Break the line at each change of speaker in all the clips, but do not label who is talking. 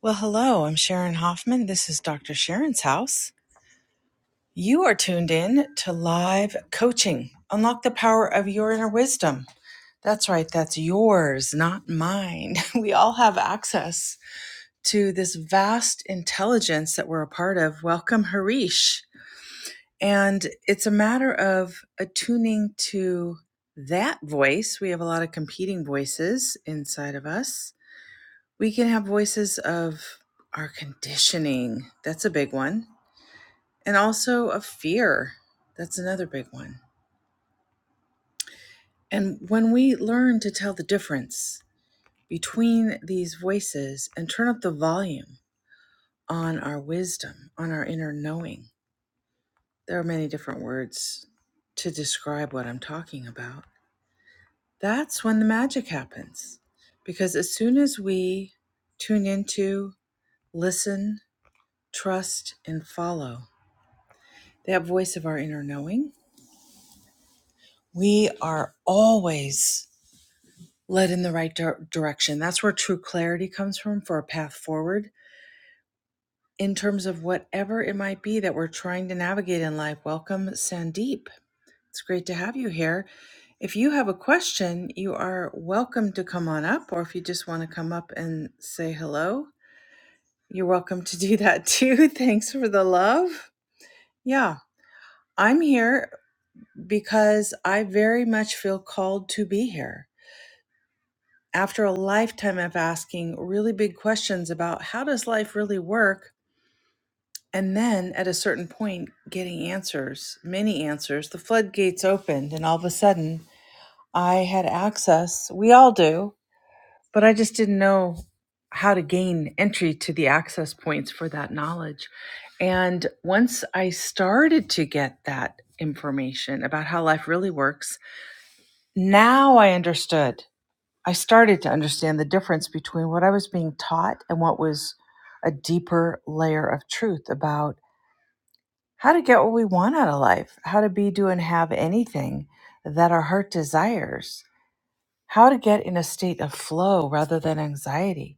Well, hello, I'm Sharon Hoffman. This is Dr. Sharon's house. You are tuned in to live coaching. Unlock the power of your inner wisdom. That's right, that's yours, not mine. We all have access to this vast intelligence that we're a part of. Welcome, Harish. And it's a matter of attuning to that voice. We have a lot of competing voices inside of us We can have voices of our conditioning. That's a big one. And also of fear. That's another big one. And when we learn to tell the difference between these voices and turn up the volume on our wisdom, on our inner knowing, there are many different words to describe what I'm talking about. That's when the magic happens. Because as soon as we tune into, listen, trust, and follow, that voice of our inner knowing, we are always led in the right dir- direction. That's where true clarity comes from for a path forward in terms of whatever it might be that we're trying to navigate in life. Welcome, Sandeep. It's great to have you here. If you have a question, you are welcome to come on up, or if you just want to come up and say hello, you're welcome to do that too. Thanks for the love. Yeah, I'm here because I very much feel called to be here. after a lifetime of asking really big questions about how does life really work and then at a certain point getting answers many answers the floodgates opened and all of a sudden i had access we all do but i just didn't know how to gain entry to the access points for that knowledge and once i started to get that information about how life really works now i understood I started to understand the difference between what I was being taught and what was a deeper layer of truth about how to get what we want out of life, how to be, do, and have anything that our heart desires, how to get in a state of flow rather than anxiety,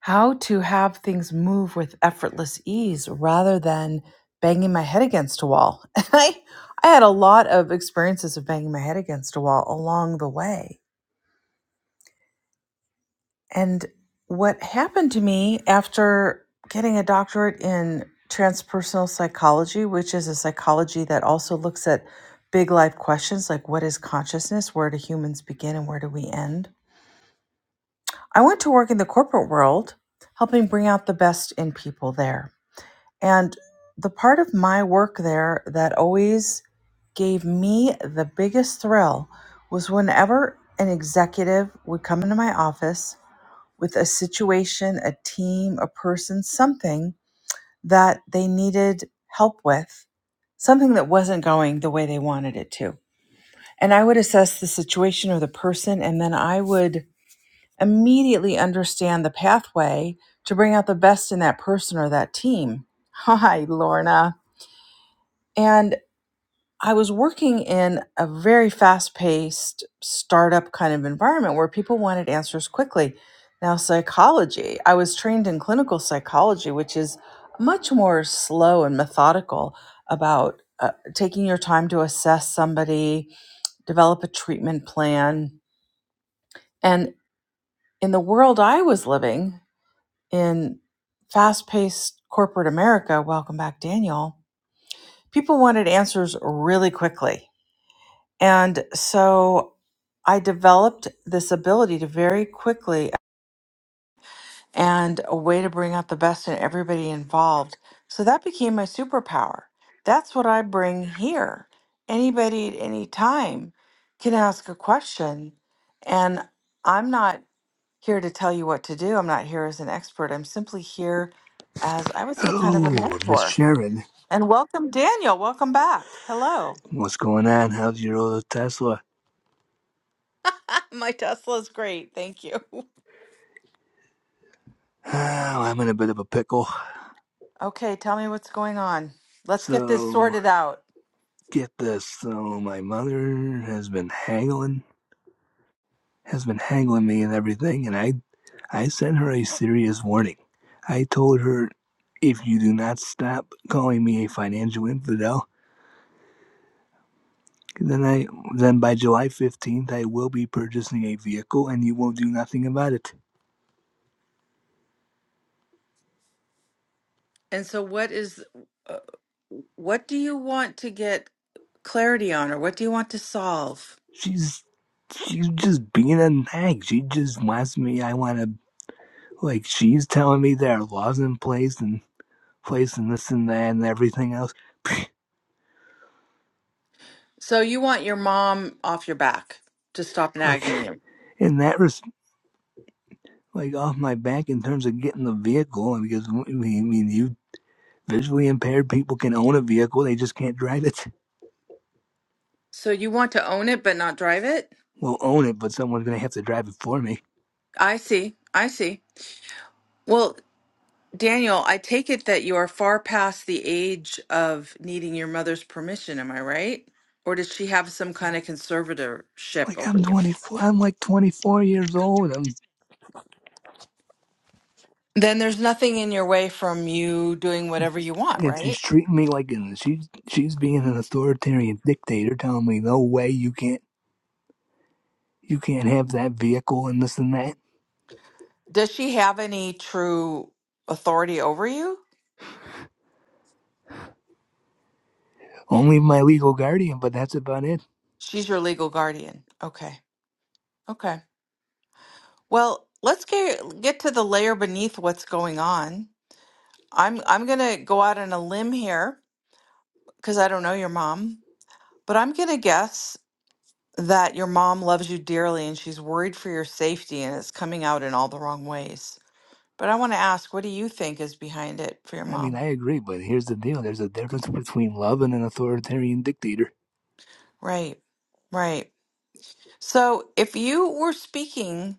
how to have things move with effortless ease rather than banging my head against a wall. I, I had a lot of experiences of banging my head against a wall along the way And what happened to me after getting a doctorate in transpersonal psychology, which is a psychology that also looks at big life questions like what is consciousness, where do humans begin, and where do we end? I went to work in the corporate world, helping bring out the best in people there. And the part of my work there that always gave me the biggest thrill was whenever an executive would come into my office with a situation, a team, a person, something that they needed help with, something that wasn't going the way they wanted it to. And I would assess the situation or the person, and then I would immediately understand the pathway to bring out the best in that person or that team. Hi, Lorna. and. I was working in a very fast paced startup kind of environment where people wanted answers quickly. Now, psychology, I was trained in clinical psychology, which is much more slow and methodical about uh, taking your time to assess somebody, develop a treatment plan. And in the world I was living in fast paced corporate America, welcome back, Daniel, people wanted answers really quickly And so I developed this ability to very quickly and a way to bring out the best in everybody involved. So that became my superpower. That's what I bring here. Anybody at any time can ask a question. And I'm not here to tell you what to do. I'm not here as an expert. I'm simply here as I would say, kind of a
Oh, Miss
mentor.
Sharon,
And welcome, Daniel. Welcome back. Hello.
what's going on? How's your old Tesla?
My Tesla is great. Thank you.
Oh, I'm in a bit of a pickle.
Okay, tell me what's going on. Let's get this
So,
sorted out.
get this. So, my mother has been haggling, has been haggling me and everything, and I, I sent her a serious warning. I told her, if you do not stop calling me a financial infidel, then I, then by July 15th, I will be purchasing a vehicle, and you will do nothing about it.
And so, what is, uh, what do you want to get clarity on, or what do you want to solve?
She's she's just being a nag. She just wants me. I want to like. She's telling me there are laws in place and place and this and that and everything else.
So, you want your mom off your back to stop
like
nagging you.
in that res- like off my back in terms of getting the vehicle. And because I mean, I mean, you visually impaired people can own a vehicle. They just can't drive it.
So, you want to own it but not drive it?
Well, own it, but someone's gonna have to drive it for me.
I see. I see. Well, Daniel, I take it that you are far past the age of needing your mother's permission. Am I right? Or does she have some kind of conservatorship
Like
over
I'm
you?
24. I'm like 24 years old. I'm
Then there's nothing in your way from you doing whatever you want,
and
right?
she's treating me like an she's she's being an authoritarian dictator, telling me no way you can't you can't have that vehicle and this and that.
Does she have any true authority over you?
Only my legal guardian, but that's about it.
She's your legal guardian. Okay. Okay. Well, let's get get to the layer beneath what's going on. I'm I'm going to go out on a limb here because I don't know your mom, but I'm going to guess that your mom loves you dearly and she's worried for your safety and it's coming out in all the wrong ways. But I want to ask, what do you think is behind it for your
I mean,
mom?
I agree, but here's the deal: there's a
Okay.
difference between love and an authoritarian dictator.
Right. Right. So, if you were speaking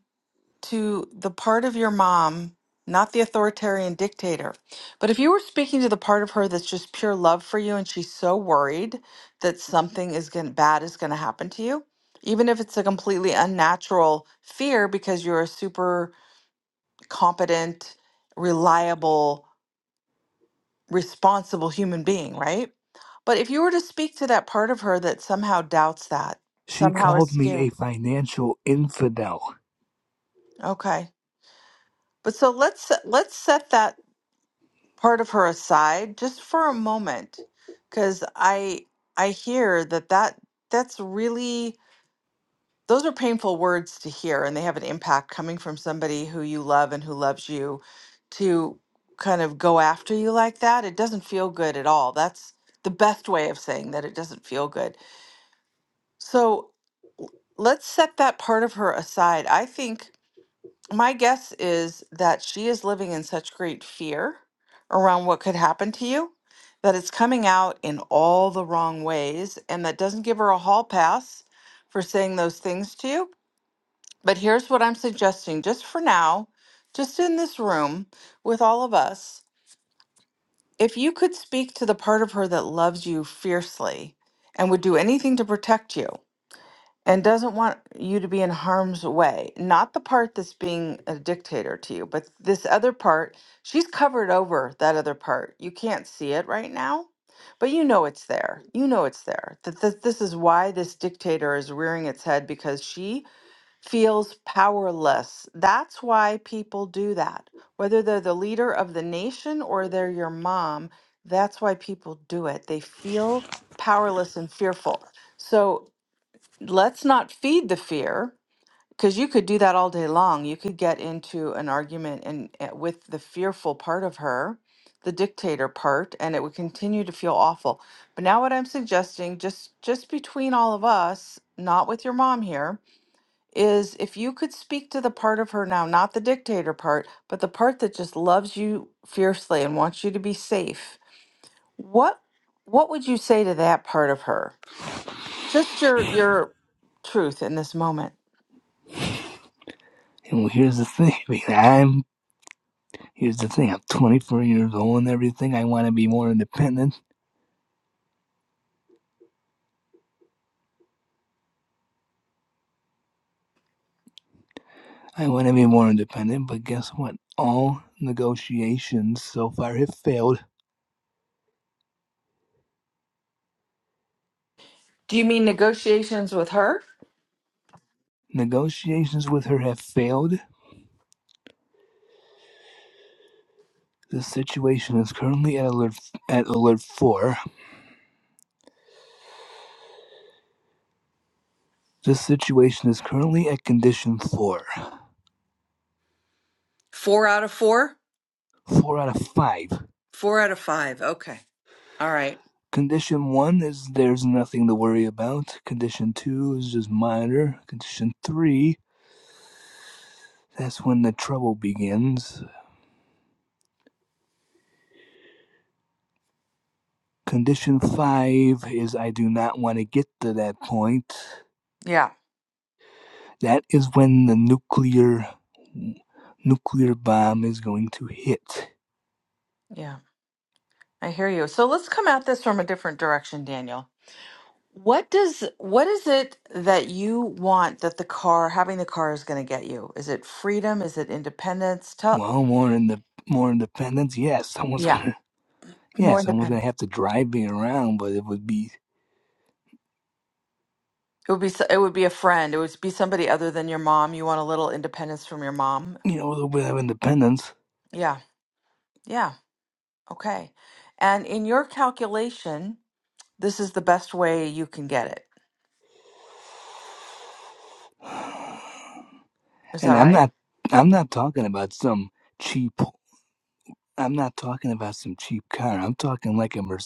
to the part of your mom, not the authoritarian dictator, but if you were speaking to the part of her that's just pure love for you and she's so worried that something is going bad is going to happen to you, even if it's a completely unnatural fear because you're a super competent, reliable, responsible human being, right? But if you were to speak to that part of her that somehow doubts that,
She
somehow is
called me
scared.
a financial infidel.
Okay. But so let's let's set that part of her aside just for a moment, because I I hear that that that's really those are painful words to hear, and they have an impact coming from somebody who you love and who loves you to kind of go after you like that. It doesn't feel good at all. That's the best way of saying that it doesn't feel good. So l- let's set that part of her aside. I think my guess is that she is living in such great fear around what could happen to you that it's coming out in all the wrong ways. And that doesn't give her a hall pass for saying those things to you. But here's what I'm suggesting just for now, just in this room with all of us. If you could speak to the part of her that loves you fiercely and would do anything to protect you, and doesn't want you to be in harm's way. Not the part that's being a dictator to you, but this other part, she's covered over that other part. You can't see it right now, but you know it's there. You know it's there. That th- this is why this dictator is rearing its head because she feels powerless. That's why people do that. Whether they're the leader of the nation or they're your mom, that's why people do it. They feel powerless and fearful. So let's not feed the fear because you could do that all day long. You could get into an argument and uh, with the fearful part of her, the dictator part, and it would continue to feel awful. But now what I'm suggesting just just between all of us, not with your mom here, is if you could speak to the part of her now, not the dictator part, but the part that just loves you fiercely and wants you to be safe. What what would you say to that part of her? Just your your truth in this moment.
And well, here's the thing. I mean, I'm here's the thing. I'm 24 years old and everything. I want to be more independent. I want to be more independent, but guess what? All negotiations so far have failed
Do you mean negotiations with her?
Negotiations with her have failed. The situation is currently at alert at alert four. This situation is currently at condition four.
Four out of four?
Four out of five.
Four out of five. Okay. All right.
Condition one is there's nothing to worry about. Condition two is just minor. Condition three, that's when the trouble begins. Condition five is I do not want to get to that point.
Yeah,
That is when the nuclear nuclear bomb is going to hit.
yeah, I hear you. So let's come at this from a different direction, Daniel. What does what is it that you want that the car having the car is going to get you? Is it freedom? Is it independence? Tell
Well, more in the more independence. Yes, someone's
yeah,
gonna. Yeah,
more
someone's gonna
independence.
have to drive me around, but it would be
It would be so- it would be a friend. It would be somebody other than your mom. You want a little independence from your mom.
you know a little bit of independence.
Yeah. Yeah. Okay. And in your calculation, this is the best way you can get it. Is that
And I'm
right?
not. I'm not talking about some cheap. I'm not talking about some cheap car. I'm talking like a Merc.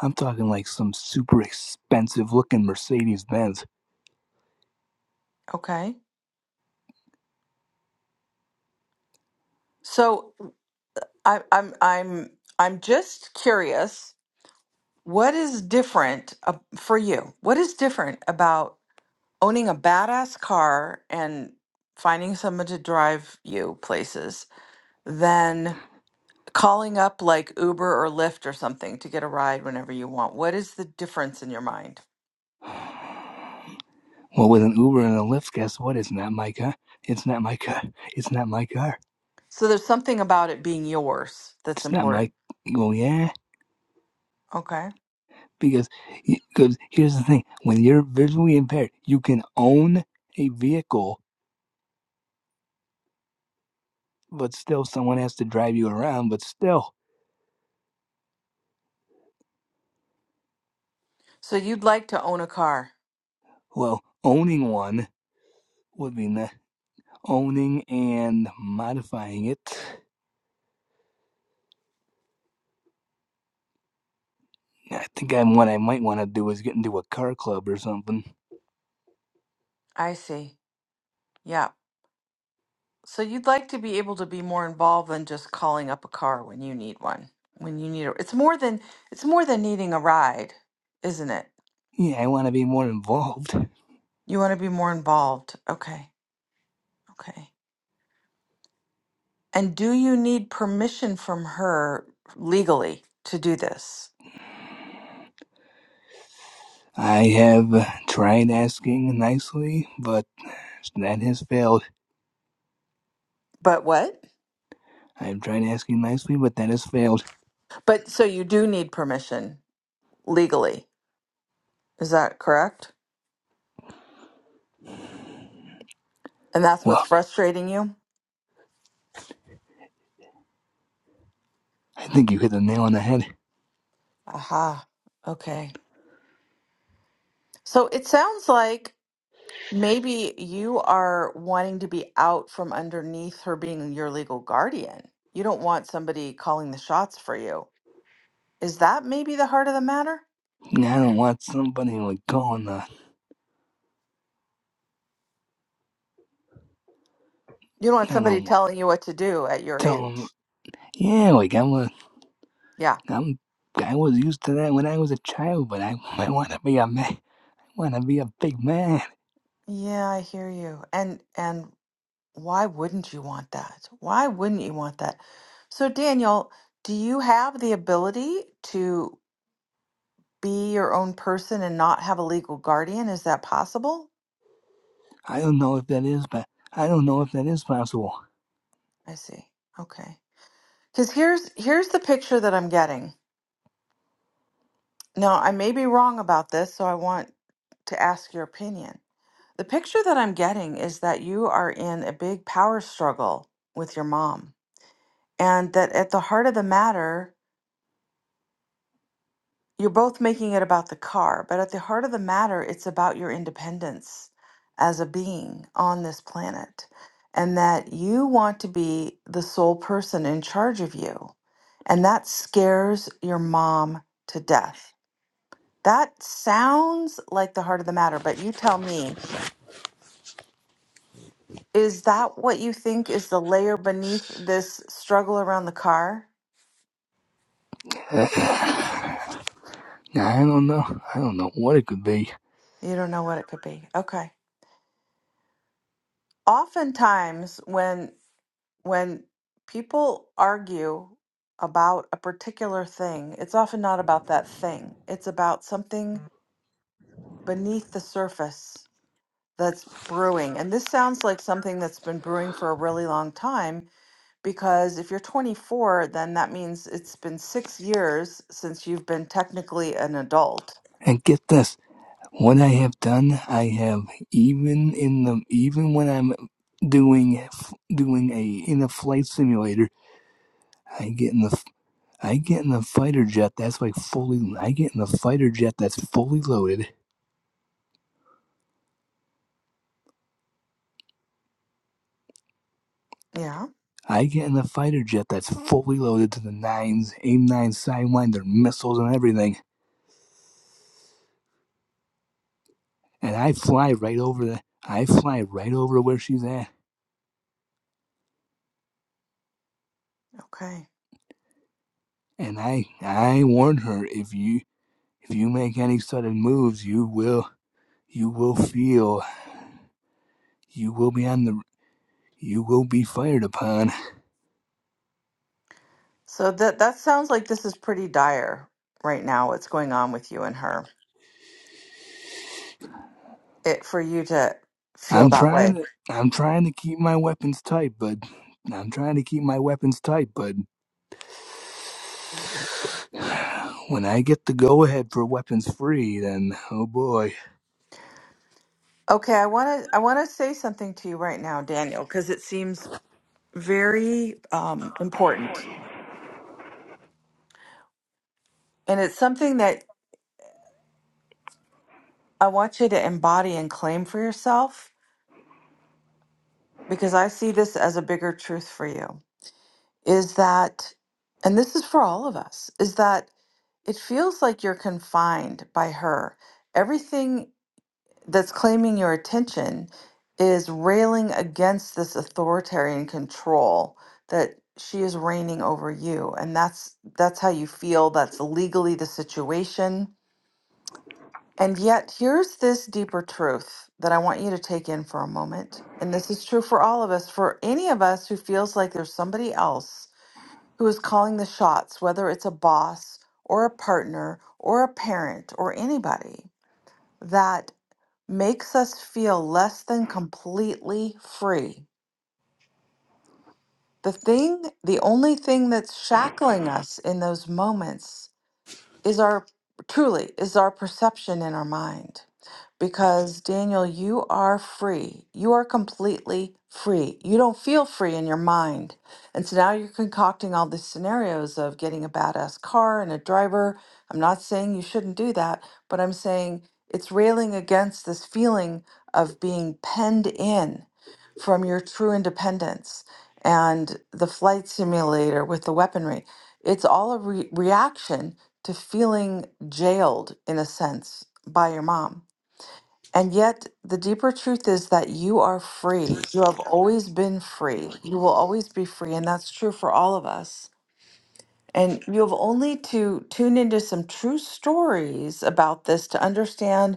I'm talking like some super expensive looking Mercedes Benz.
Okay. So I I'm I'm I'm just curious What is different uh, for you? What is different about owning a badass car and finding someone to drive you places than calling up like Uber or Lyft or something to get a ride whenever you want? What is the difference in your mind?
Well, with an Uber and a Lyft, guess what? It's not my car. It's not my car. It's not my car.
So there's something about it being yours that's
It's not my.
important.
Well, yeah.
Okay.
because because here's the thing when you're visually impaired you can own a vehicle but still someone has to drive you around but still
So you'd like to own a car.
well owning one would be that owning and modifying it i think i'm what i might want to do is get into a car club or something
I see. Yeah. So you'd like to be able to be more involved than just calling up a car when you need one. When you need a, it's more than it's more than needing a ride, isn't it?
yeah i want to be more involved
You want to be more involved. Okay. Okay. And do you need permission from her legally to do this?
i have uh, tried asking nicely but that has failed
But what?
i've tried asking nicely but that has failed
But so you do need permission legally. Is that correct? And that's what's
well
frustrating you?
i think you hit the nail on the head
Aha. Okay. So it sounds like Maybe you are wanting to be out from underneath her being your legal guardian. You don't want somebody calling the shots for you. Is that maybe the heart of the matter?
I don't want somebody like calling the.
You don't want
I
somebody
don't want
telling you what to do at your
tell 'em,
age.
Yeah, like I'm a.
Yeah.
I'm. I was used to that when I was a child, but I. I want to be a man. I want to be a big man.
Yeah, I hear you. And and why wouldn't you want that? Why wouldn't you want that? So Daniel, do you have the ability to be your own person and not have a legal guardian? Is that possible?
I don't know if that is, but I don't know if that is possible.
I see. Okay. Because here's here's the picture that I'm getting. Now, I may be wrong about this, so I want to ask your opinion. The picture that I'm getting is that you are in a big power struggle with your mom, and that at the heart of the matter, you're both making it about the car, but at the heart of the matter, it's about your independence as a being on this planet, and that you want to be the sole person in charge of you. And that scares your mom to death That sounds like the heart of the matter, but you tell me, is that what you think is the layer beneath this struggle around the car?
I don't know. I don't know what it could be.
You don't know what it could be. Okay. Oftentimes when when people argue about a particular thing, it's often not about that thing. It's about something beneath the surface that's brewing. And this sounds like something that's been brewing for a really long time because if you're 24, then that means it's been six years since you've been technically an adult.
And get this. What I have done, I have even in the even when I'm doing doing a in a flight simulator, I get in the I get in the fighter jet that's like fully. I get in the fighter jet that's fully loaded.
Yeah.
I get in the fighter jet that's fully loaded to the nines, AIM nine sidewinder missiles and everything, and I fly right over the. I fly right over where she's at,
Okay.
and I I warn her if you if you make any sudden moves, you will you will feel you will be on the you will be fired upon.
So that that sounds like this is pretty dire right now. What's going on with you and her? It for you to feel
I'm
that way.
trying to I'm trying to keep my weapons tight, but I'm trying to keep my weapons tight, bud. When I get the go ahead for weapons free, then oh boy.
Okay. I want to I want to say something to you right now, Daniel, because it seems very um, important, and it's something that I want you to embody and claim for yourself because I see this as a bigger truth for you is that, and this is for all of us, is that it feels like you're confined by her. Everything that's claiming your attention is railing against this authoritarian control that she is reigning over you and that's that's how you feel that's legally the situation and yet here's this deeper truth that i want you to take in for a moment and this is true for all of us for any of us who feels like there's somebody else who is calling the shots, whether it's a boss or a partner or a parent or anybody, that makes us feel less than completely free. The thing, the only thing that's shackling us in those moments is our truly is our perception in our mind because Daniel you are free you are completely free you don't feel free in your mind and so now you're concocting all these scenarios of getting a badass car and a driver I'm not saying you shouldn't do that but I'm saying it's railing against this feeling of being penned in from your true independence and the flight simulator with the weaponry it's all a re- reaction to feeling jailed in a sense by your mom. And yet, the deeper truth is that you are free. You have always been free. You will always be free. And that's true for all of us. And you have only to tune into some true stories about this to understand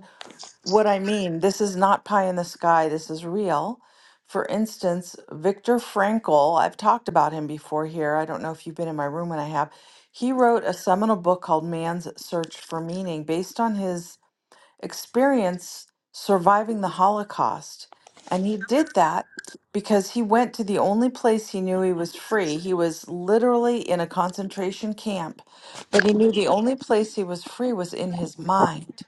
what I mean. This is not pie in the sky. This is real. For instance, Viktor Frankl, I've talked about him before here. I don't know if you've been in my room when I have. He wrote a seminal book called Man's Search for Meaning based on his experience surviving the Holocaust. And he did that because he went to the only place he knew he was free. He was literally in a concentration camp, but he knew the only place he was free was in his mind.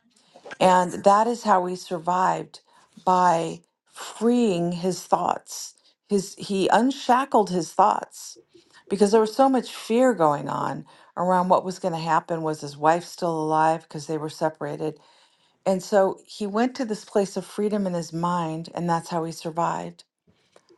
And that is how he survived by freeing his thoughts. His he unshackled his thoughts because there was so much fear going on around what was going to happen. Was his wife still alive? Because they were separated. And so he went to this place of freedom in his mind, and that's how he survived.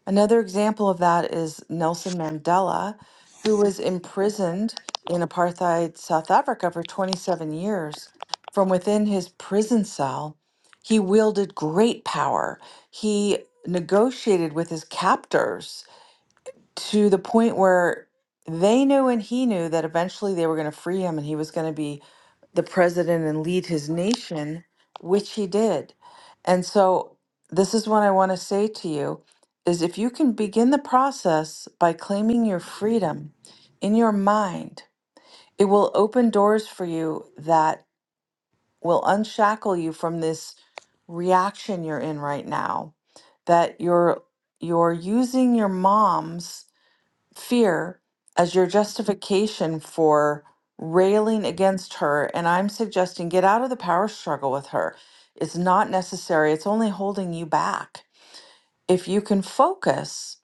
Another example of that is Nelson Mandela, who was imprisoned in apartheid South Africa for 27 years. From within his prison cell, he wielded great power. He negotiated with his captors to the point where they knew and he knew that eventually they were going to free him and he was going to be the president and lead his nation, which he did. And so this is what I want to say to you is if you can begin the process by claiming your freedom in your mind, it will open doors for you that will unshackle you from this reaction you're in right now that you're you're using your mom's fear as your justification for railing against her. And I'm suggesting get out of the power struggle with her. It's not necessary, it's only holding you back. If you can focus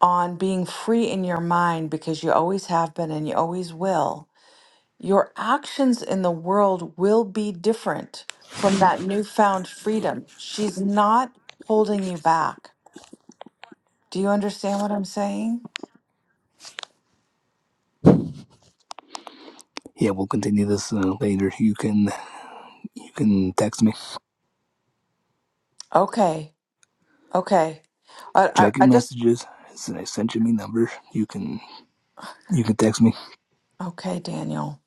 on being free in your mind because you always have been and you always will, your actions in the world will be different from that newfound freedom. She's not holding you back. Do you understand what I'm saying?
Yeah, we'll continue this uh, later. You can you can text me.
Okay. Okay. I, I,
Check your
I just
messages. Since I sent you my number, you can you can text me.
Okay, Daniel.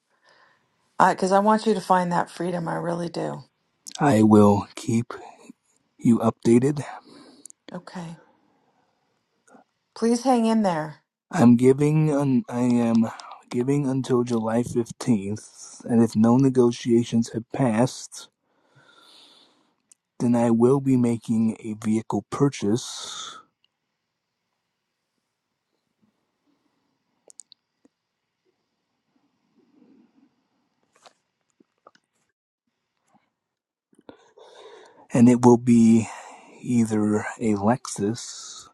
Because I want you to find that freedom. I really do.
I will keep you updated.
Okay. Please hang in there.
I'm giving un, I am giving until July 15th, and if no negotiations have passed, then I will be making a vehicle purchase, and it will be either a Lexus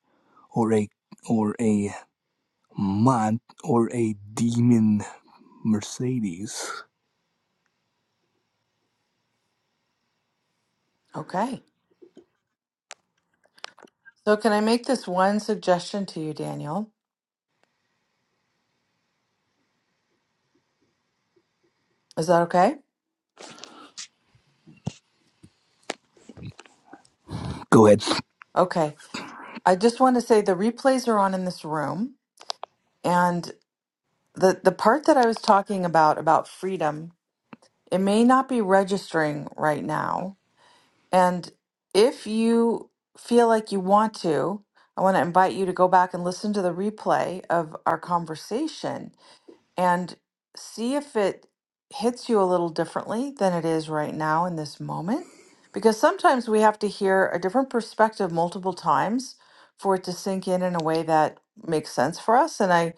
or a or a mont, or a demon Mercedes.
Okay. So, can I make this one suggestion to you, Daniel? Is that okay?
Go ahead,
Okay. I just want to say the replays are on in this room. And the, the part that I was talking about, about freedom, it may not be registering right now. And if you feel like you want to, I want to invite you to go back and listen to the replay of our conversation and see if it hits you a little differently than it is right now in this moment. Because sometimes we have to hear a different perspective multiple times for it to sink in in a way that makes sense for us. And I,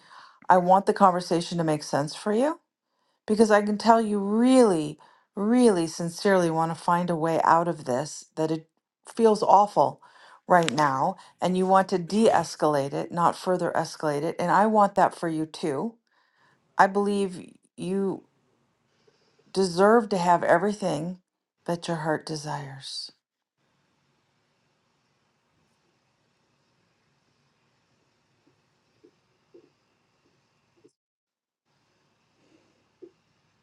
I want the conversation to make sense for you because I can tell you really, really sincerely want to find a way out of this, that it feels awful right now. And you want to de escalate it, not further escalate it. And I want that for you too I believe you deserve to have everything that your heart desires.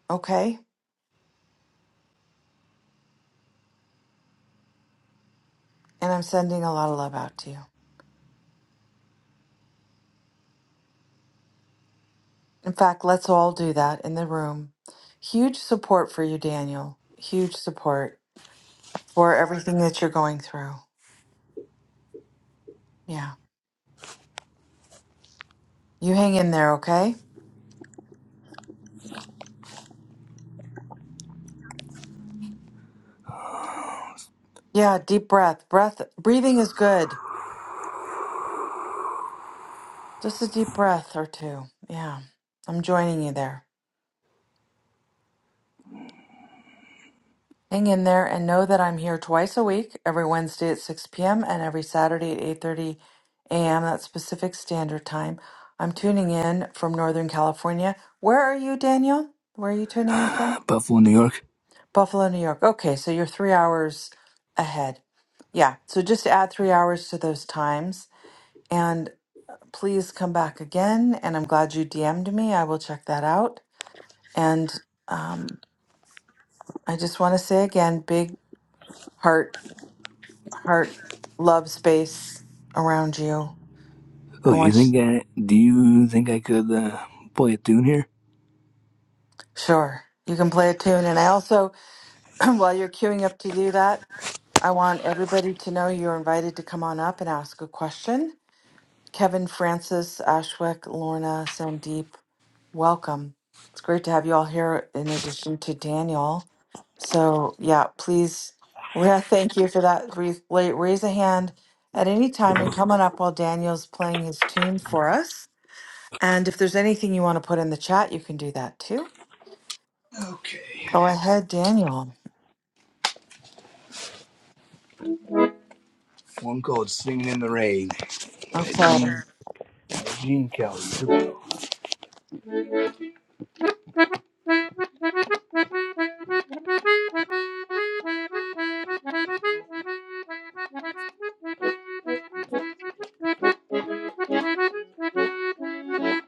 Okay? And I'm sending a lot of love out to you. In fact, let's all do that in the room. Huge support for you, Daniel. Huge support for everything that you're going through. Yeah. You hang in there, okay? Yeah, deep breath. Breath breathing is good. Just a deep breath or two. Yeah. I'm joining you there. Hang in there and know that I'm here twice a week, every Wednesday at 6 p.m. and every Saturday at 8:30 a.m. That's Pacific Standard Time. I'm tuning in from Northern California. Where are you, Daniel? Where are you tuning in from?
Buffalo, New York.
Buffalo, New York. Okay, so you're 3 hours ahead. Yeah, so just add 3 hours to those times and please come back again and I'm glad you DM'd me. I will check that out. And um I just want to say again, big heart heart love space around you.
Oh,
I
you
want you,
think I? Do you think I could uh, play a tune here?
sure you can play a tune. And I also, while you're queuing up to do that, I want everybody to know you're invited to come on up and ask a question. Kevin, Francis, Ashwick, Lorna, Sandeep, welcome. It's great to have you all here in addition to Daniel. So, yeah, please, yeah, thank you for that. Raise raise a hand at any time and come on up while Daniel's playing his tune for us. And if there's anything you want to put in the chat, you can do that too.
Okay.
Go ahead, Daniel.
One called "Singing in the Rain." by
Okay.
Gene, Gene Kelly. Here we go.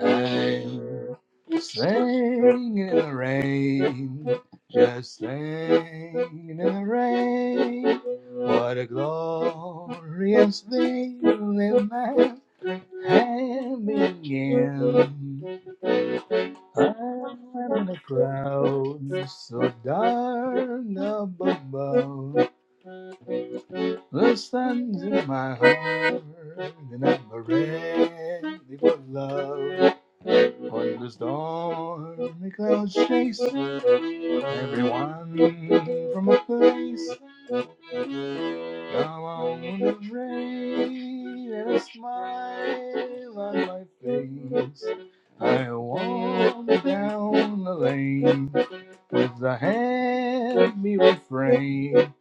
I'm singing in the rain, just singing in the rain. What a glorious feeling I'm having again. I'm in a crowd so darn above. The sun's in my heart, and I'm ready for love. Thunderstorm, the clouds chase everyone from a place. Now I'm on the rain and a smile on my face. I walk down the lane with the happy refrain,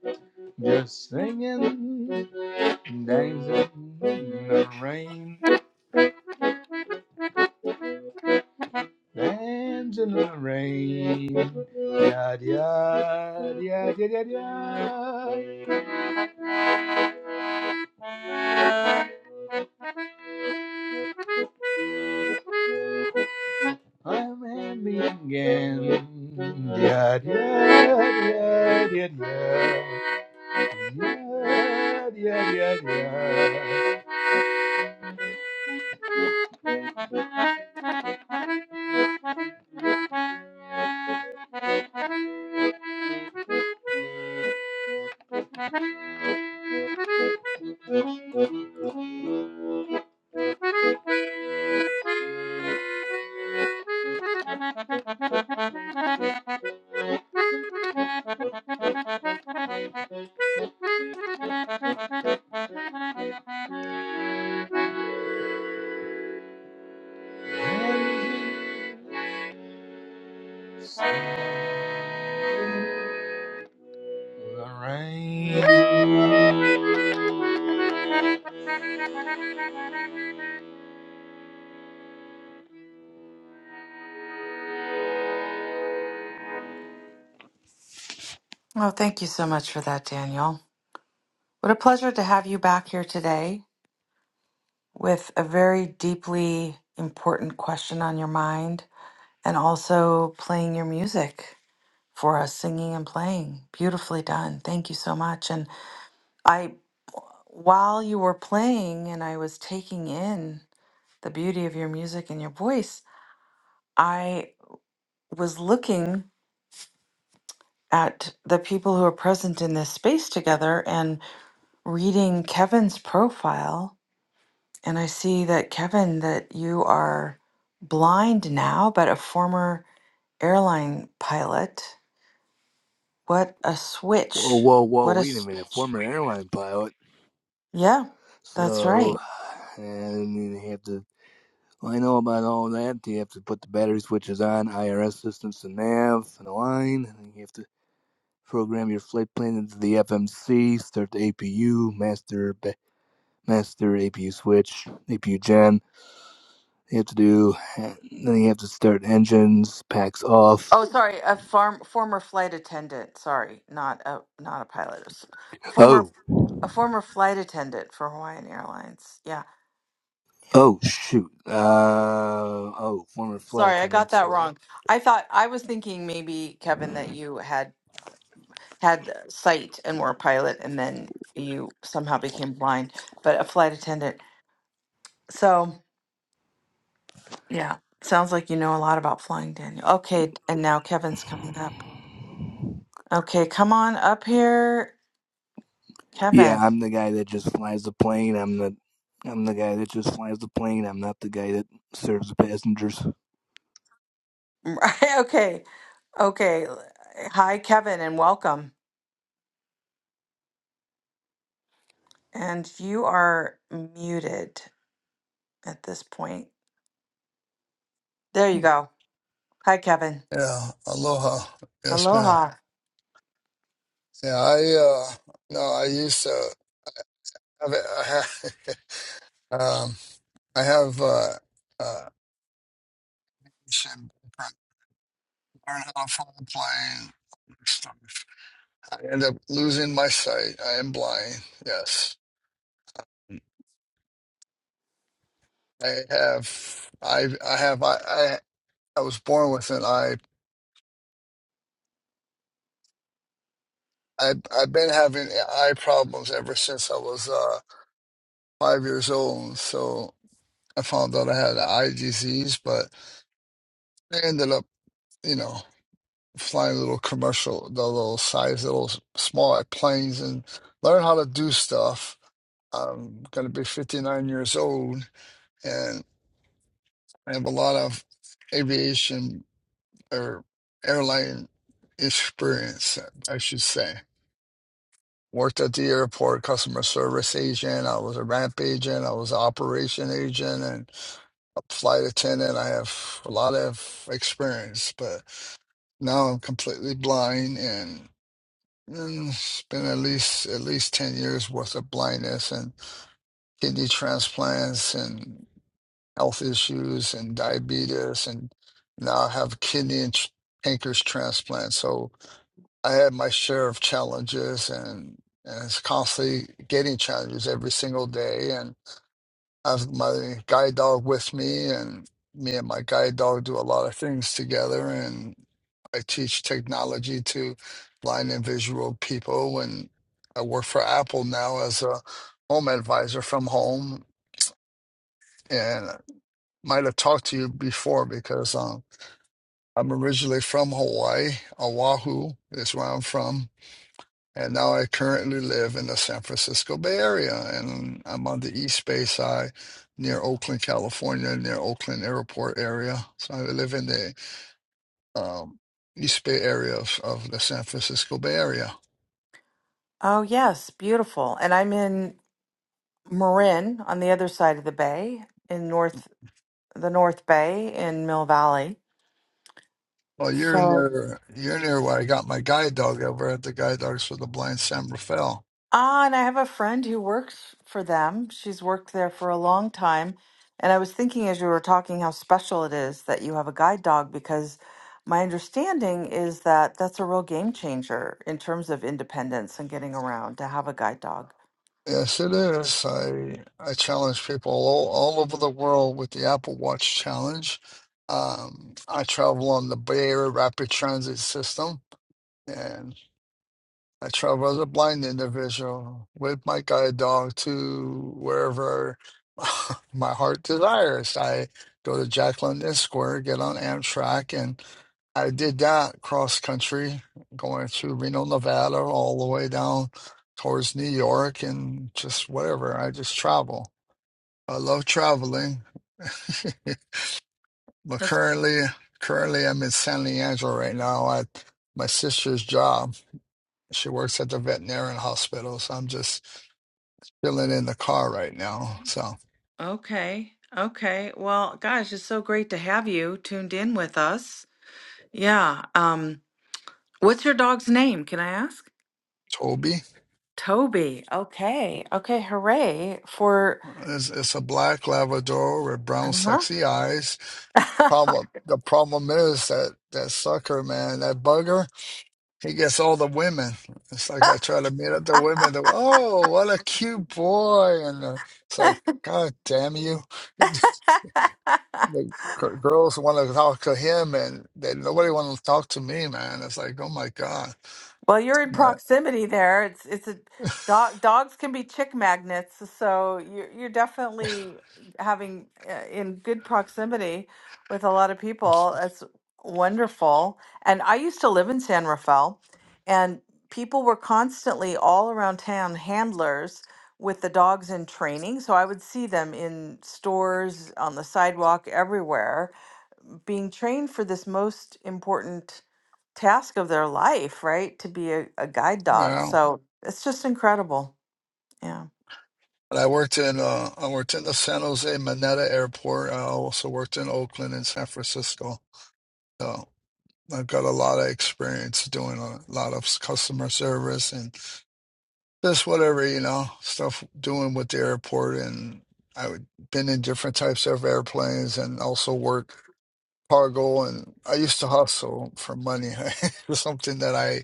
just singing, dancing in the rain. Hands in the rain. Yad, yad, yad, yad, yad, yad. I'm happy again. Yad, yad, yad, yad, yad. Yad, yad, yad, yad. Thank you. Whoa,
Oh, thank you so much for that, Daniel. What a pleasure to have you back here today with a very deeply important question on your mind and also playing your music for us, singing and playing. Beautifully done. Thank you so much. And I, while you were playing and I was taking in the beauty of your music and your voice, I was looking at the people who are present in this space together and reading Kevin's profile. And I see that, Kevin, that you are blind now, but a former airline pilot. What a switch.
whoa, whoa!
What a.
Wait a
s-
minute. Former airline pilot.
Yeah, that's
So,
right.
and then you have to, well, I know about all that. You have to put the battery switches on, IRS systems to nav and align. And then you have to program your flight plan into the FMC, start the APU, master ba- master APU switch, APU gen. You have to do, then you have to start engines, packs off.
Oh, sorry, a farm, former flight attendant. Sorry, not a not a pilot. A s- former
Oh,
a former flight attendant for Hawaiian Airlines. Yeah, Yeah.
oh, shoot. Uh, oh, former flight
Sorry, I got
attendant.
that
So
wrong.
I
I thought I was thinking maybe Kevin that you had had uh, sight and were a pilot, and then you somehow became blind, but a flight attendant. So yeah, sounds like you know a lot about flying, Daniel. Okay, and now Kevin's coming up. Okay, come on up here,
Yeah,
Kevin.
I'm the guy that just flies the plane. I'm the I'm the guy that just flies the plane. I'm not the guy that serves the passengers.
Right, okay, okay. Hi, Kevin, and welcome. And you are muted at this point. There you go. Hi, Kevin.
Yeah, aloha. Yes, ma'am.
Aloha.
Yeah, I uh no, I used to have it. I have, um, I have uh, uh, should learn how to fly a plane. Stuff. I end up losing my sight. I am blind. Yes, I have. I I have. I I, I was born with an eye. I I've been having eye problems ever since I was uh five years old. So I found out I had an eye disease, but I ended up, you know. Flying little commercial, the little size, little small planes, and learn how to do stuff. I'm going to be 59 years old, and I have a lot of aviation or airline experience, I should say. Worked at the airport, customer service agent. I was a ramp agent. I was an operation agent and a flight attendant. I have a lot of experience, but now I'm completely blind and. Mm, It's been at least at least 10 years worth of blindness and kidney transplants and health issues and diabetes and now I have kidney and tr- pancreas transplant. So I had my share of challenges and, and it's constantly getting challenges every single day I have my guide dog with me, and me and my guide dog do a lot of things together. And I teach technology to blind and visual people. And I work for Apple now as a home advisor from home. And I might have talked to you before because um, I'm originally from Hawaii, Oahu is where I'm from. And now I currently live in the San Francisco Bay Area, and I'm on the East Bay side near Oakland, California, near Oakland Airport area. So I live in the um, East Bay area of, of the San Francisco Bay Area.
Oh, yes, beautiful. And I'm in Marin on the other side of the bay in North the North Bay in Mill Valley.
Well, you're
So,
near you're near where I got my guide dog over at the Guide Dogs for the Blind San Rafael.
ah, and I have a friend who works for them. She's worked there for a long time. And I was thinking as you were talking how special it is that you have a guide dog because my understanding is that that's a real game changer in terms of independence and getting around to have a guide dog.
Yes, it is. I I challenge people all, all over the world with the Apple Watch challenge. Um, I travel on the Bay Area Rapid Transit System And I travel as a blind individual with my guide dog to wherever my heart desires. I go to Jack London Square, get on Amtrak, and I did that cross country, going through Reno, Nevada, all the way down towards New York, and just whatever. I just travel. I love traveling. But currently, currently I'm in San Leandro right now at my sister's job She works at the veterinarian hospital, so I'm just chilling in the car right now. So
Okay. Okay. Well, gosh, it's so great to have you tuned in with us. Yeah. Um, what's your dog's name? Can I ask?
Toby
Toby. Okay. Okay. Hooray for.
is it's a black Labrador with brown sexy eyes. Problem the problem is that that sucker man, that bugger, he gets all the women. It's like I try to meet up the women. They're, oh, what a cute boy, and uh, it's like,
Uh-huh.
God damn you! the g- girls want to talk to him, and they, nobody want to talk to me, man. It's like, oh my God,
Well, you're in
but,
proximity there. It's it's a dog. Dogs can be chick magnets, so you're you're definitely having uh, in good proximity with a lot of people. That's wonderful. And I used to live in San Rafael, and people were constantly all around town handlers with the dogs in training. So I would see them in stores, on the sidewalk, everywhere being trained for this most important task of their life, right? To be a, a guide
you
dog.
know.
So it's just incredible. Yeah.
And I worked in uh, I worked in the San Jose Maneta Airport. I also worked in Oakland and San Francisco. So I've got a lot of experience doing a lot of s- customer service and just whatever you know stuff doing with the airport. And I've been in different types of airplanes and also work cargo. And I used to hustle for money. It was something that I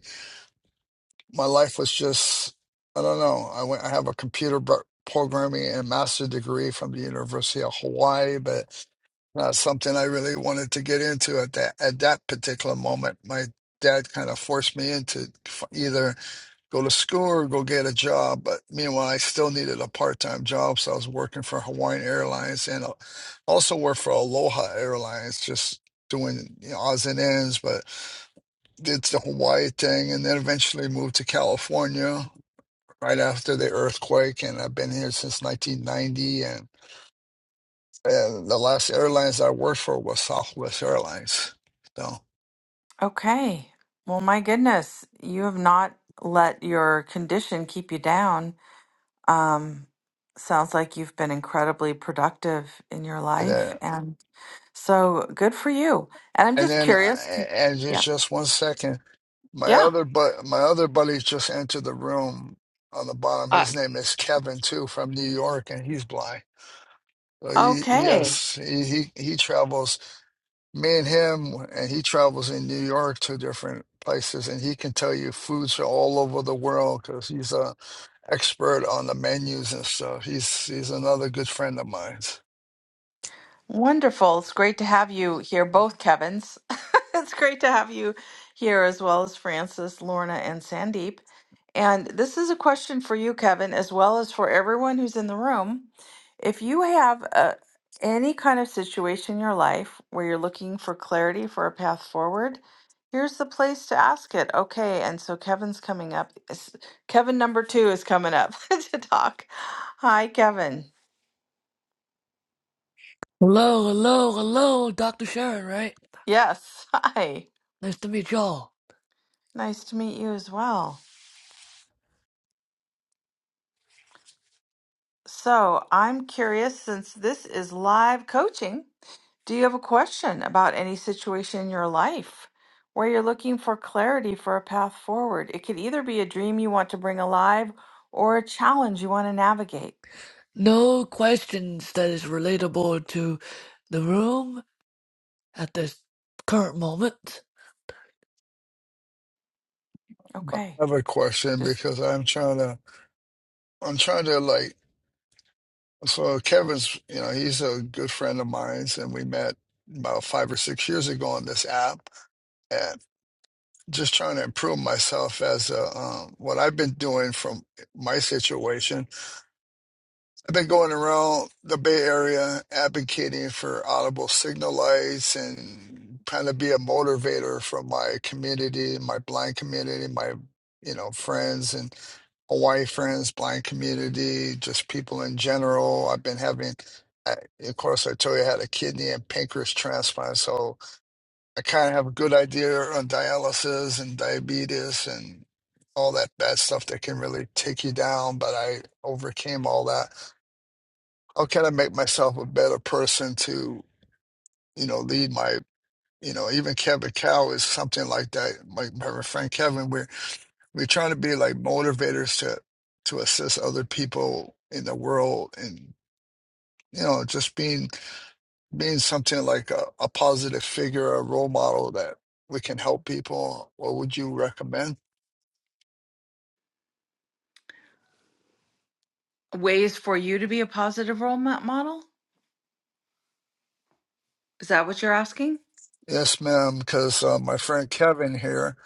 my life was just I don't know. I went I have a computer bro- programming and master degree from the University of Hawaii, but not something I really wanted to get into at that at that particular moment. My dad kind of forced me into f- either go to school or go get a job. But meanwhile, I still needed a part-time job, so I was working for Hawaiian Airlines and uh, also worked for Aloha Airlines, just doing you know, odds and ends, but did the Hawaii thing and then eventually moved to California right after the earthquake, and I've been here since 1990. And, and the last airlines I worked for was Southwest Airlines. So,
Okay. Well, my goodness, you have not let your condition keep you down. Um, sounds like you've been incredibly productive in your
and
life.
then,
And so good for you. And I'm
and
just
then,
curious.
I- and it's
Yeah.
just one second. My
Yeah.
other but my other buddy just entered the room on the bottom.
Uh,
His name is Kevin too, from New York, and he's blind. So he he
Okay.
has he he, he travels. Me and him, and he travels in New York to different places, and he can tell you foods are all over the world because he's a expert on the menus and stuff. He's he's another good friend of mine.
Wonderful. It's great to have you here, both Kevins. it's great to have you here, as well as Francis, Lorna, and Sandeep. And this is a question for you, Kevin, as well as for everyone who's in the room. If you have a, any kind of situation in your life where you're looking for clarity for a path forward, here's the place to ask it. Okay, and so Kevin's coming up. S- Kevin number two is coming up to talk. Hi, Kevin.
Hello, hello, hello, Dr. Sharon, right?
Yes, hi.
Nice to meet y'all.
Nice to meet you as well. So, I'm curious since this is live coaching, do you have a question about any situation in your life where you're looking for clarity for a path forward? It could either be a dream you want to bring alive or a challenge you want to navigate.
No questions that is relatable to the room at this current moment.
But
Okay.
I have a question
Just
because I'm trying to I'm trying to like so Kevin's you know he's a good friend of mine and we met about five or six years ago on this app and just trying to improve myself as a um, what I've been doing from my situation I've been going around the Bay Area advocating for audible signal lights and trying to be a motivator for my community, my blind community, my you know friends and Hawaii friends, blind community, just people in general. I've been having, I, of course, I told you I had a kidney and pancreas transplant, so I kind of have a good idea on dialysis and diabetes and all that bad stuff that can really take you down. But I overcame all that how can I make myself a better person to, you know, lead my, you know, even Kevin Cow is something like that. Like my friend Kevin, we're we're trying to be like motivators to to assist other people in the world and you know, just being being something like a, a positive figure, a role model that we can help people. What would you recommend?
ways for you to be a positive role mo- model? Is that what you're asking?
Yes, ma'am, because uh, my friend Kevin here,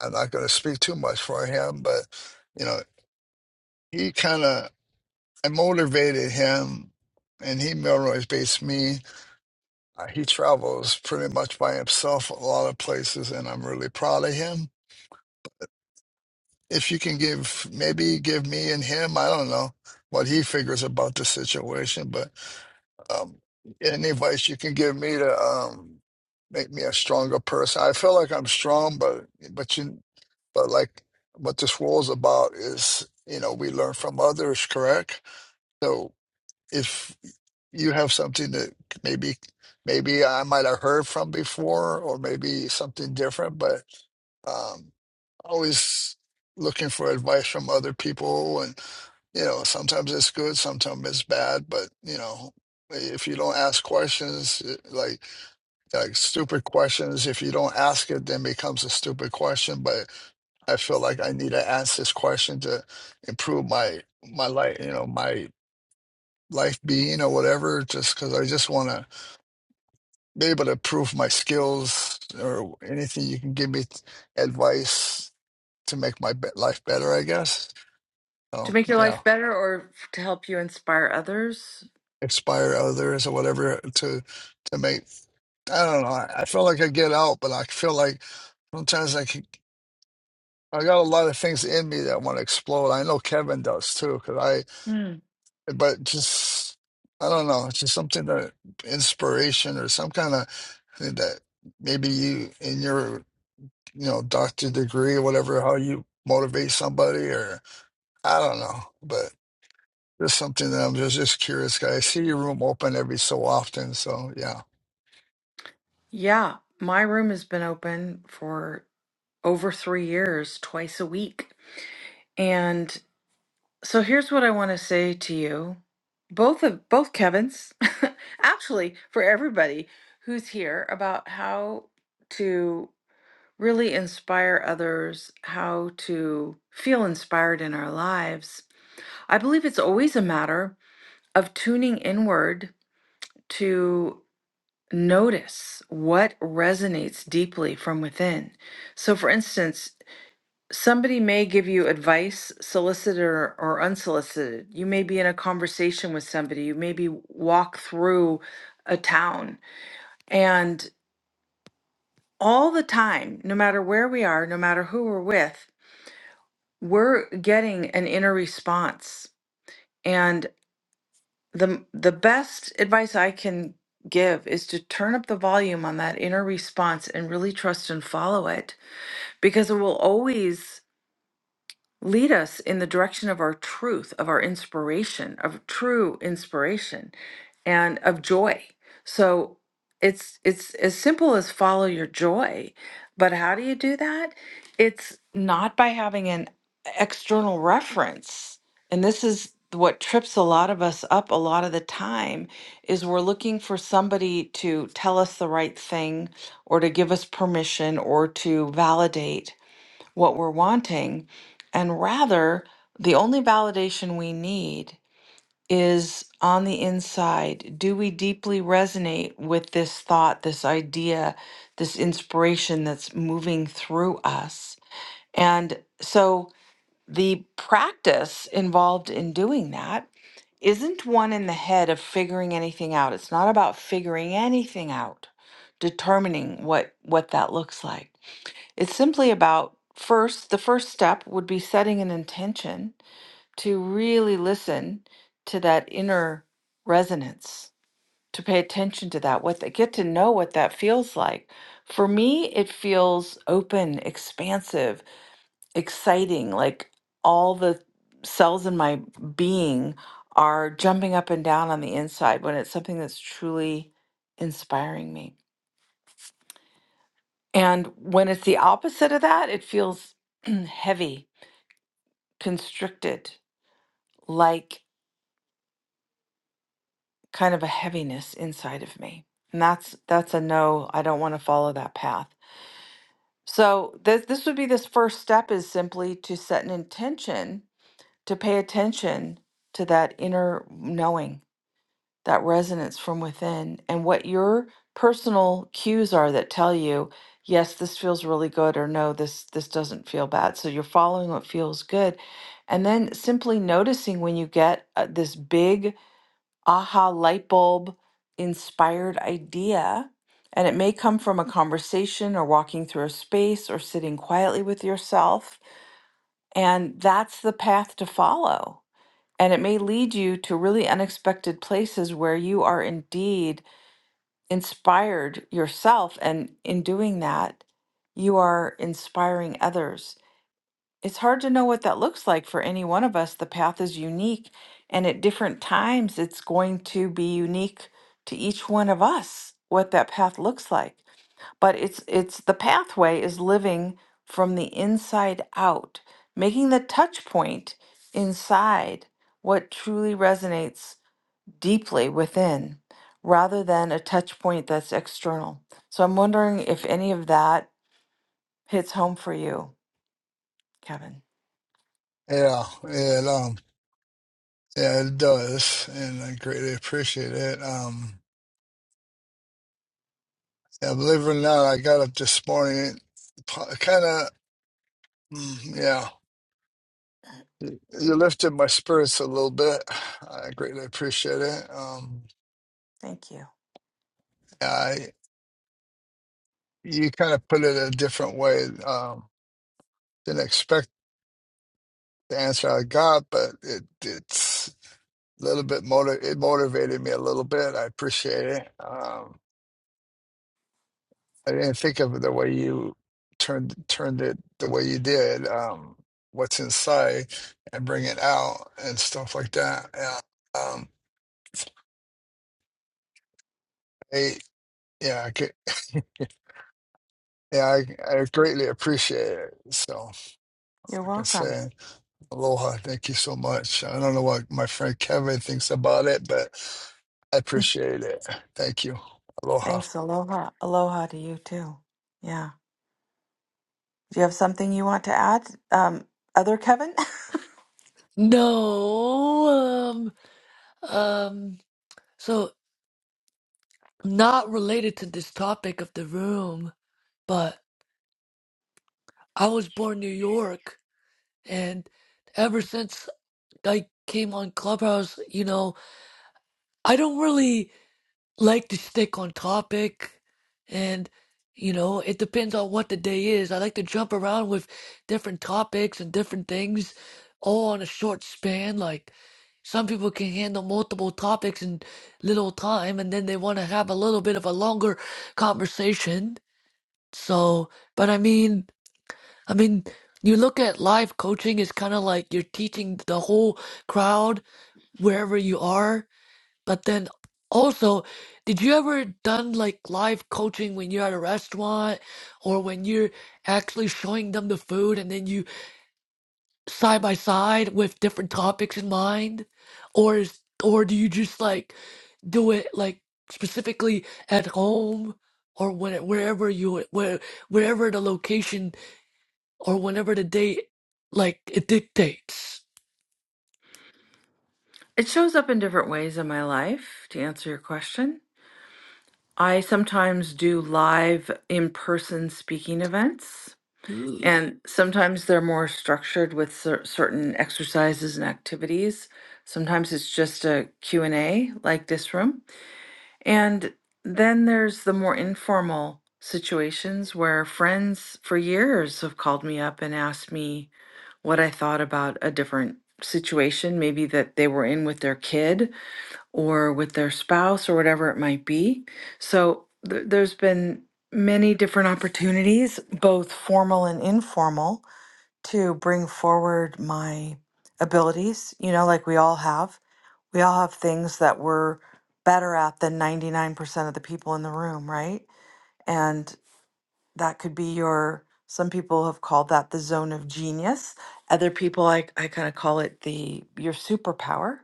I'm not going to speak too much for him, but you know, he kind of I motivated him, and he Melrose based me. Uh, He travels pretty much by himself a lot of places, and I'm really proud of him. If you can give, maybe give me and him, I don't know what he figures about the situation, but um, any advice you can give me to um, make me a stronger person. I feel like I'm strong, but but you, but like what this world's about is, you know, we learn from others, correct? So. if you have something that maybe maybe I might have heard from before, or maybe something different, but um, always looking for advice from other people, and you know sometimes it's good, sometimes it's bad, but you know if you don't ask questions it- like like stupid questions if you don't ask it then becomes a stupid question but i feel like i need to ask this question to improve my my life you know my life being or whatever, just because I just want to be able to prove my skills or anything you can give me t- advice to make my be- life better, I guess.
To
So,
make your
yeah,
life better or f- to help you inspire others?
inspire others or whatever to to make. I don't know. I, I feel like I get out, but I feel like sometimes I can. I got a lot of things in me that want to explode. I know Kevin does too, because I.
Hmm.
But just I don't know. It's just something that inspiration or some kind of. that maybe you in your you know doctor degree or whatever how you motivate somebody or I don't know, but it's something that I'm just just curious. 'cause I see your room open every so often, so yeah,
Yeah, my room has been open for over three years, twice a week. And so here's what I want to say to you. Both of both Kevins, actually for everybody who's here about how to really inspire others, how to feel inspired in our lives. I believe it's always a matter of tuning inward to notice what resonates deeply from within. So for instance, Somebody may give you advice, solicited or, or unsolicited. You may be in a conversation with somebody. You maybe walk through a town. And all the time, no matter where we are, no matter who we're with, we're getting an inner response. And the the best advice I can give is to turn up the volume on that inner response and really trust and follow it because it will always Lead us in the direction of our truth, of our inspiration, of true inspiration and of joy. So it's it's as simple as follow your joy. But how do you do that? It's not by having an external reference. And this is what trips a lot of us up a lot of the time is we're looking for somebody to tell us the right thing or to give us permission or to validate what we're wanting. And rather, the only validation we need is on the inside. Do we deeply resonate with this thought, this idea, this inspiration that's moving through us? And so the practice involved in doing that isn't one in the head of figuring anything out. It's not about figuring anything out, determining what what that looks like it's simply about first, the first step would be setting an intention to really listen to that inner resonance, to pay attention to that, what they get to know what that feels like. For me, it feels open, expansive, exciting, like all the cells in my being are jumping up and down on the inside when it's something that's truly inspiring me. And when it's the opposite of that, it feels heavy constricted, like kind of a heaviness inside of me. And that's that's a no, I don't want to follow that path. So this this would be this first step is simply to set an intention to pay attention to that inner knowing, that resonance from within and what your personal cues are that tell you yes this feels really good or no this this doesn't feel bad so you're following what feels good and then simply noticing when you get uh, this big aha light bulb inspired idea. And it may come from a conversation or walking through a space or sitting quietly with yourself. And that's the path to follow. And it may lead you to really unexpected places where you are indeed inspired yourself. And in doing that, you are inspiring others it's hard to know what that looks like for any one of us. The path is unique, and at different times, it's going to be unique to each one of us what that path looks like. But it's it's the pathway is living from the inside out, making the touch point inside what truly resonates deeply within rather than a touch point that's external. So I'm wondering if any of that hits home for you, Kevin.
yeah, and um, yeah, it does, and I greatly appreciate it. Um, yeah, believe it or not, I got up this morning, kind of, yeah. You you lifted my spirits a little bit. I greatly appreciate it. Um,
Thank you.
you kind of put it a different way. Um, didn't expect the answer I got, but it it's a little bit motiv it motivated me a little bit. I appreciate it. Um, I didn't think of it the way you turned turned it the way you did. Um, what's inside and bring it out and stuff like that. Yeah. Um, I, yeah, I could, yeah, I, I greatly appreciate it. So like
You're
I can
welcome.
say. Aloha. Thank you so much. I don't know what my friend Kevin thinks about it, but I appreciate it. Thank you. Aloha.
Thanks. Aloha. Aloha to you too. Yeah. Do you have something you want to add? Um, other Kevin?
No, um, um, so not related to this topic of the room, but I was born in New York, and ever since I came on Clubhouse, you know, I don't really. like to stick on topic and you know it depends on what the day is i like to jump around with different topics and different things all on a short span like some people can handle multiple topics in little time and then they want to have a little bit of a longer conversation so but i mean i mean you look at live coaching is kind of like you're teaching the whole crowd wherever you are but then also, did you ever done like live coaching when you're at a restaurant or when you're actually showing them the food and then you side by side with different topics in mind? Or is or do you just like do it like specifically at home or when wherever you where wherever the location or whenever the date like it dictates?
It shows up in different ways in my life, to answer your question. I sometimes do live in person speaking events,
Ooh.
and sometimes they're more structured with cer- certain exercises and activities. Sometimes it's just a Q and a like this room. And then there's the more informal situations where friends for years have called me up and asked me what I thought about a different situation, maybe that they were in with their kid or with their spouse or whatever it might be. So th- there's been many different opportunities, both formal and informal, to bring forward my abilities, you know, like we all have we all have things that we're better at than 99% of the people in the room, right? And that could be your, some people have called that the zone of genius. Other people, I, I kind of call it the, your superpower.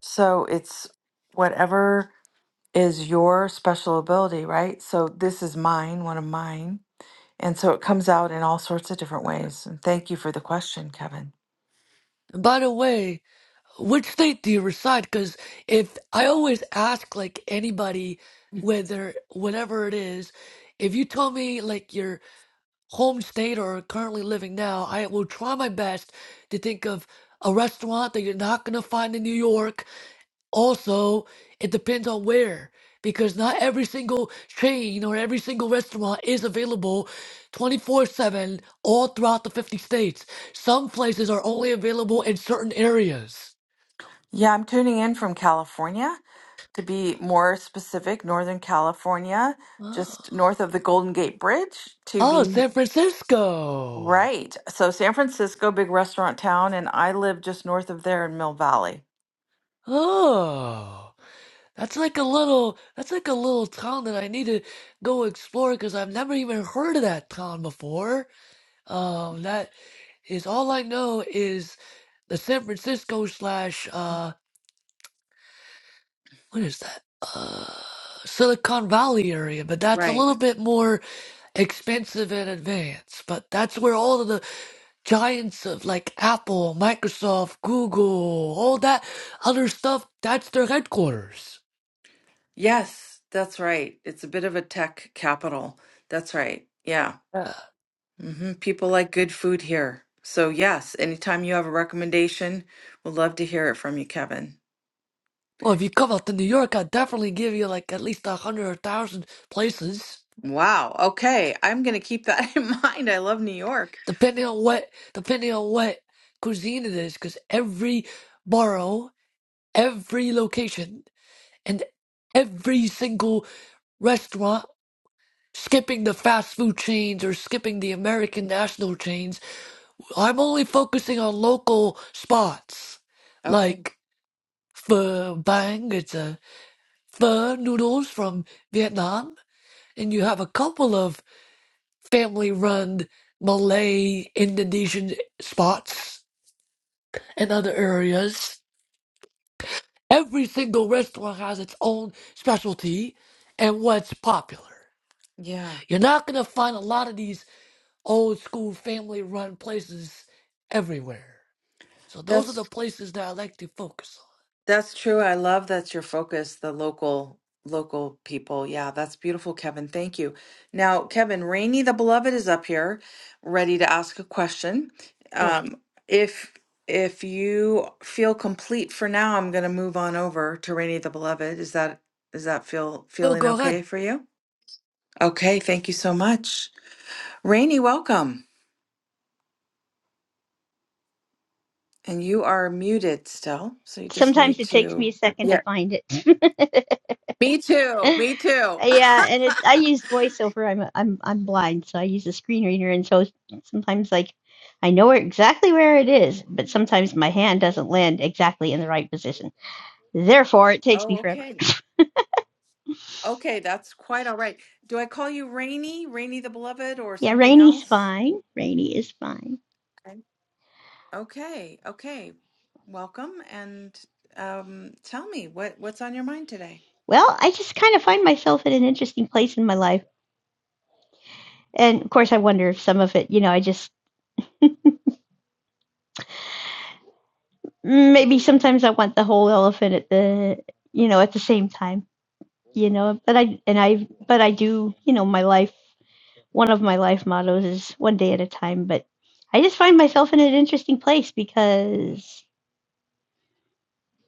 So it's whatever is your special ability, right? So this is mine, one of mine. And so it comes out in all sorts of different ways. And thank you for the question, Kevin.
And by the way, Which state do you reside? Because if I always ask like anybody, whether whatever it is, if you tell me like your home state or currently living now, I will try my best to think of a restaurant that you're not gonna find in New York. Also, it depends on where, because not every single chain or every single restaurant is available 24/7 all throughout the 50 states. Some places are only available in certain areas.
Yeah, I'm tuning in from California. To be more specific, Northern California,
Oh.
just north of the Golden Gate Bridge. To
Oh,
be
San Francisco.
right. So San Francisco, big restaurant town, and I live just north of there in Mill Valley.
Oh, that's like a little that's like a little town that I need to go explore because I've never even heard of that town before. Um, that is all I know is the San Francisco slash uh what is that? Uh, Silicon Valley area, but that's a
Right.
little bit more expensive and advanced. But that's where all of the giants of like Apple, Microsoft, Google, all that other stuff, that's their headquarters.
Yes, that's right. It's a bit of a tech capital. That's right. Yeah.
Yeah.
hmm People like good food here. So, yes, anytime you have a recommendation, we'd love to hear it from you, Kevin.
Well, if you come out to New York, I'd definitely give you like at least a hundred or a thousand places,
Wow. Okay. I'm going to keep that in mind. I love New York.
depending on what depending on what cuisine it is, because every borough, every location, and every single restaurant, skipping the fast food chains or skipping the American national chains I'm only focusing on local spots,
Okay.
like pho bang. It's a pho noodles from Vietnam, and you have a couple of family-run Malay, Indonesian spots and other areas. Every single restaurant has its own specialty and what's popular.
Yeah.
You're not gonna find a lot of these old school family-run places everywhere. So those are
That's
the places that I like to focus
That's true. I love that's your focus, the local local people. Yeah, that's beautiful, Kevin. Thank you. Now, Kevin, Rainey the Beloved is up here, ready to ask a question.
on. Good.
Um, if if you feel complete for now, I'm going to move on over to Rainey the Beloved. Is that is that feel
Oh
feeling
God,
okay for you? Okay, thank you so much. Rainey, welcome. And you are muted still, so you just
Sometimes
need
it takes me
to.
a second to
Yeah.
find it.
Me too. Me too.
Yeah, and it, I use voiceover. I'm I'm I'm blind, so I use a screen reader, and so sometimes like I know where, exactly where it is, but sometimes my hand doesn't land exactly in the right position. Therefore, it takes
Oh,
me forever.
okay. Okay, that's quite all right. Do I call you Rainy, Rainy the Beloved, or
Yeah,
something
Rainy's
else?
fine. Rainy is fine.
Okay. Okay, okay. Welcome and um tell me what what's on your mind today?
Well, I just kind of find myself at an interesting place in my life, and of course, I wonder if some of it, you know, I just maybe sometimes I want the whole elephant at the you know at the same time you know but i and i but i do you know my life one of my life mottos is one day at a time but i just find myself in an interesting place because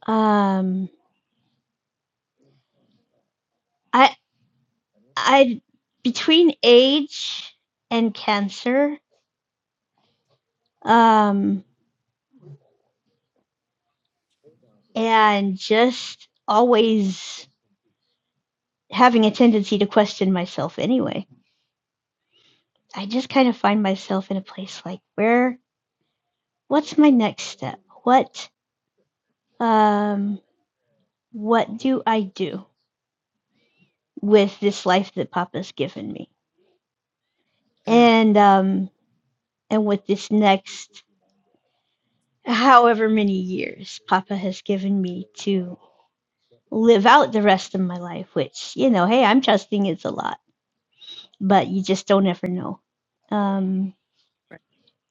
um i i between age and cancer um and just always having a tendency to question myself anyway i just kind of find myself in a place like where what's my next step what um what do i do with this life that Papa's given me,
Mm,
and um, and with this next however many years Papa has given me to live out the rest of my life. Which you know, hey, I'm trusting it's a lot, but you just don't ever know. Um,
right.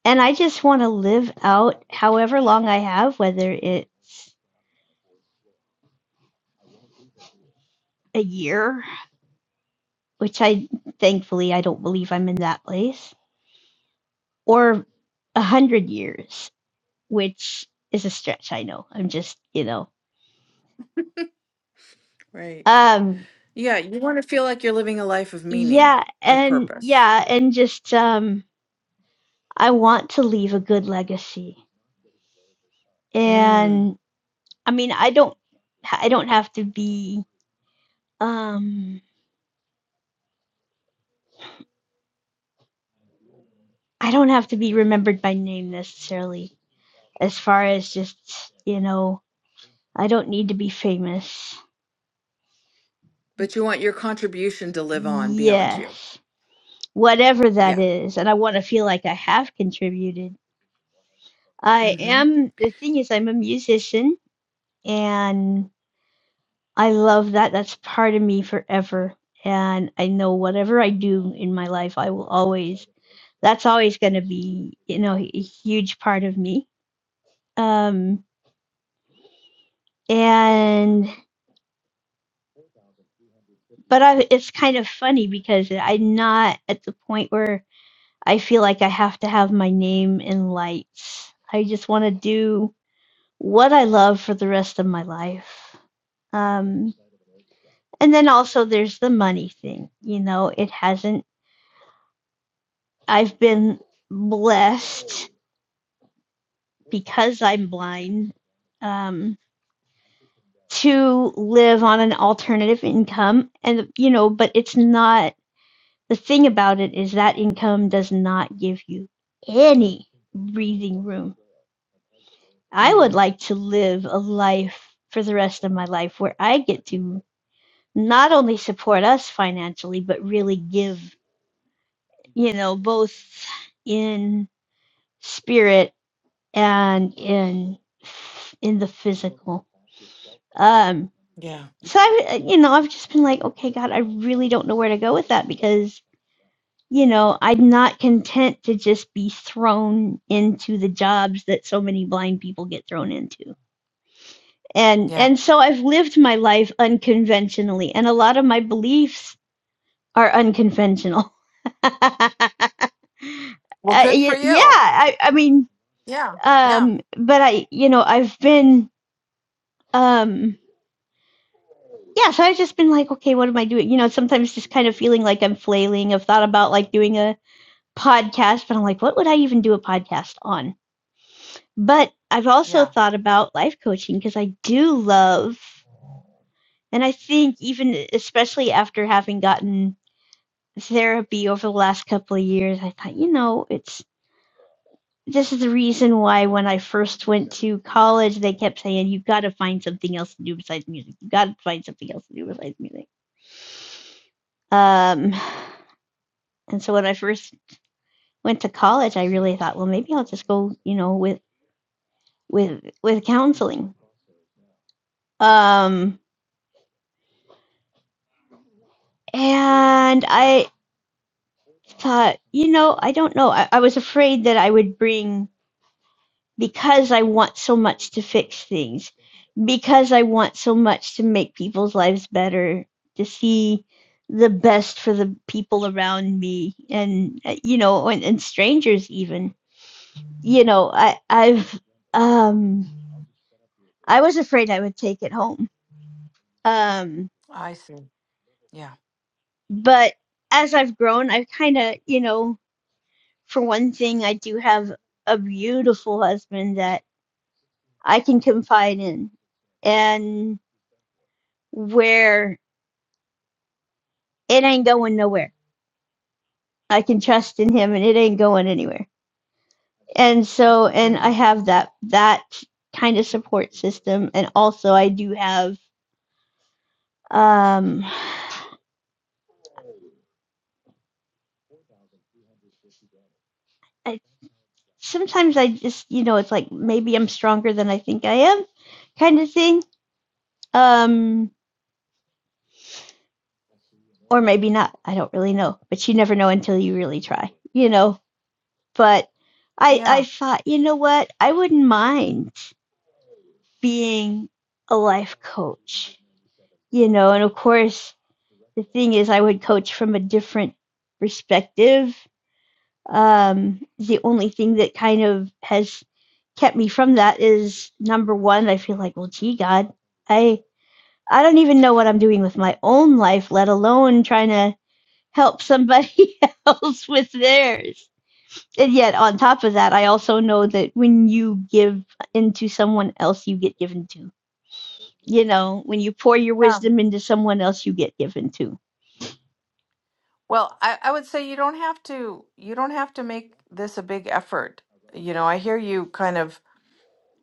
and I just want to live out however long I have, whether it's a year, which I thankfully I don't believe I'm in that place, or a hundred years, which is a stretch. I know. I'm just you know
Right.
Um,
Yeah, you want to feel like you're living a life of meaning,
yeah,
of
and
purpose.
yeah, and just um I want to leave a good legacy.
Mm.
And I mean, I don't I don't have to be um I don't have to be remembered by name necessarily as far as just, you know, I don't need to be famous.
But you want your contribution to live on beyond you.
Yes. Whatever that
Yeah.
is, and I want to feel like I have contributed. I
Mm-hmm.
am the thing is I'm a musician and I love that. That's part of me forever. And I know whatever I do in my life, I will always, that's always going to be, you know, a huge part of me. Um, and, but I, it's kind of funny because I'm not at the point where I feel like I have to have my name in lights. I just want to do what I love for the rest of my life. Um, and then also there's the money thing. You know, it hasn't I've been blessed because I'm blind um, to live on an alternative income. And, you know, but it's not the thing about it is that income does not give you any breathing room. I
Mm-hmm.
would like to live a life for the rest of my life where I get to not only support us financially, but really give, you know, both in spirit and in in the physical. Um,
Yeah.
so I, you know, I've just been like, okay, God, I really don't know where to go with that because you know I'm not content to just be thrown into the jobs that so many blind people get thrown into. And
Yeah.
and so I've lived my life unconventionally, and a lot of my beliefs are unconventional.
Well,
Uh,
good for
y- yeah,
you.
I, I mean,
Yeah. Yeah.
um, but I, you know, I've been um yeah so i've just been like okay what am i doing you know sometimes just kind of feeling like i'm flailing i've thought about like doing a podcast but i'm like what would i even do a podcast on but i've also
Yeah.
thought about life coaching because i do love and i think even especially after having gotten therapy over the last couple of years i thought you know it's this is the reason why when i first went to college they kept saying you've got to find something else to do besides music you've got to find something else to do besides music um And so when I first went to college, I really thought, well, maybe I'll just go, you know, with with with counseling. Um, and I thought, you know, I don't know. I, I was afraid that I would bring because I want so much to fix things, because I want so much to make people's lives better, to see the best for the people around me and uh, you know and, and strangers even you know i i've um I was afraid I would take it home. Um,
I see. Yeah.
but as I've grown, I've kind of, you know, for one thing, I do have a beautiful husband that I can confide in and where it ain't going nowhere. I can trust in him and it ain't going anywhere. And so, and I
Mm.
have that, that kind of support system. And also, I do have, um, I, sometimes I just, you know, it's like maybe I'm stronger than I think I am kind of thing Um, or maybe not. I don't really know. But you never know until you really try, you know. But I
Yeah.
I thought, you know what? I wouldn't mind being a life coach, you know. And of course, the thing is, I would coach from a different perspective. Um, the only thing that kind of has kept me from that is number one, I feel like, well, gee, God, I I don't even know what I'm doing with my own life, let alone trying to help somebody else with theirs. And yet, on top of that, I also know that when you give into someone else, you get given to. You know, when you pour your
Yeah.
wisdom into someone else, you get given to.
Well, I, I would say you don't have to you don't have to make this a big effort. You know, I hear you kind of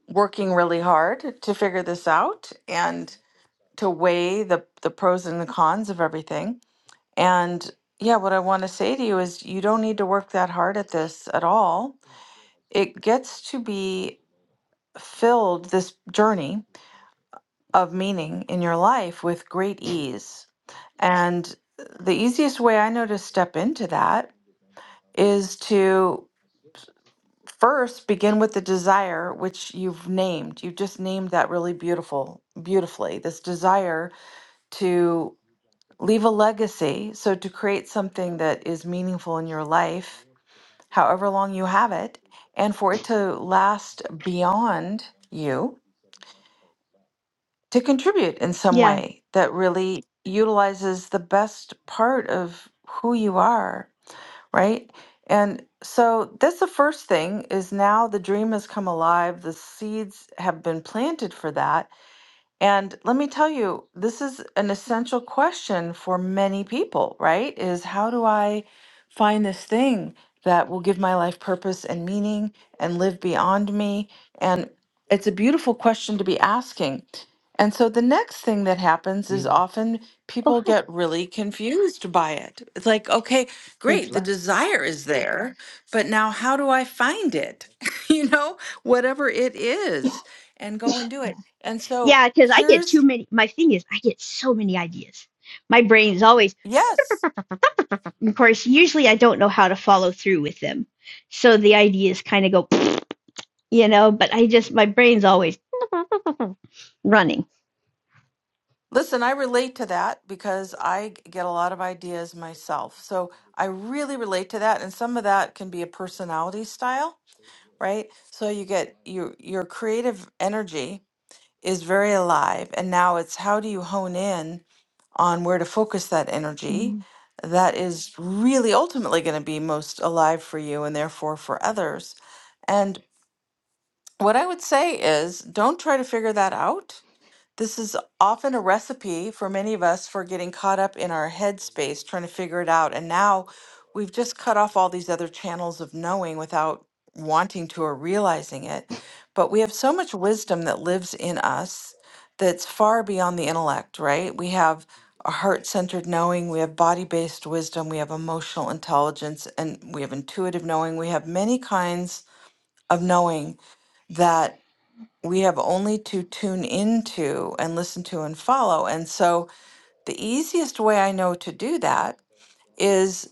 working really hard to figure this out and to weigh the the pros and the cons of everything. And yeah, what I want to say to you is you don't need to work that hard at this at all. It gets to be filled this journey of meaning in your life with great ease. And the easiest way I know to step into that is to first begin with the desire which you've named you just named that really beautiful beautifully this desire to leave a legacy so to create something that is meaningful in your life however long you have it and for it to last beyond you to contribute in some
Yeah.
way that really utilizes the best part of who you are right? And so that's the first thing is now the dream has come alive. The seeds have been planted for that and let me tell you, this is an essential question for many people, right? Is how do I find this thing that will give my life purpose and meaning and live beyond me? And it's a beautiful question to be asking. And so the next thing that happens is often
Oh,
people
hi.
get really confused by it. It's like, okay,
Thanks,
great, the
love.
desire is there, but now how do I find it? you know, whatever it is, and go and do
Yeah.
it. And so
Yeah, because I get
Here's
too many. My thing is, I get so many ideas. My brain is always,
yes.
of course, usually I don't know how to follow through with them. So the ideas kind of go, you know, but I just, my brain's always running.
Listen, I relate to that because I g- get a lot of ideas myself. So I really relate to that and some of that can be a personality style, right? So you get your your creative energy is very alive and now it's how do you hone in on where to focus that energy
Mhm.
that is really ultimately going to be most alive for you and therefore for others. And what I would say is don't try to figure that out This is often a recipe for many of us for getting caught up in our headspace, trying to figure it out. And now we've just cut off all these other channels of knowing without wanting to or realizing it. But we have so much wisdom that lives in us that's far beyond the intellect, right? We have a heart centered knowing, we have body based wisdom, we have emotional intelligence, and we have intuitive knowing. We have many kinds of knowing that we have only to tune into and listen to and follow. And so the easiest way I know to do that is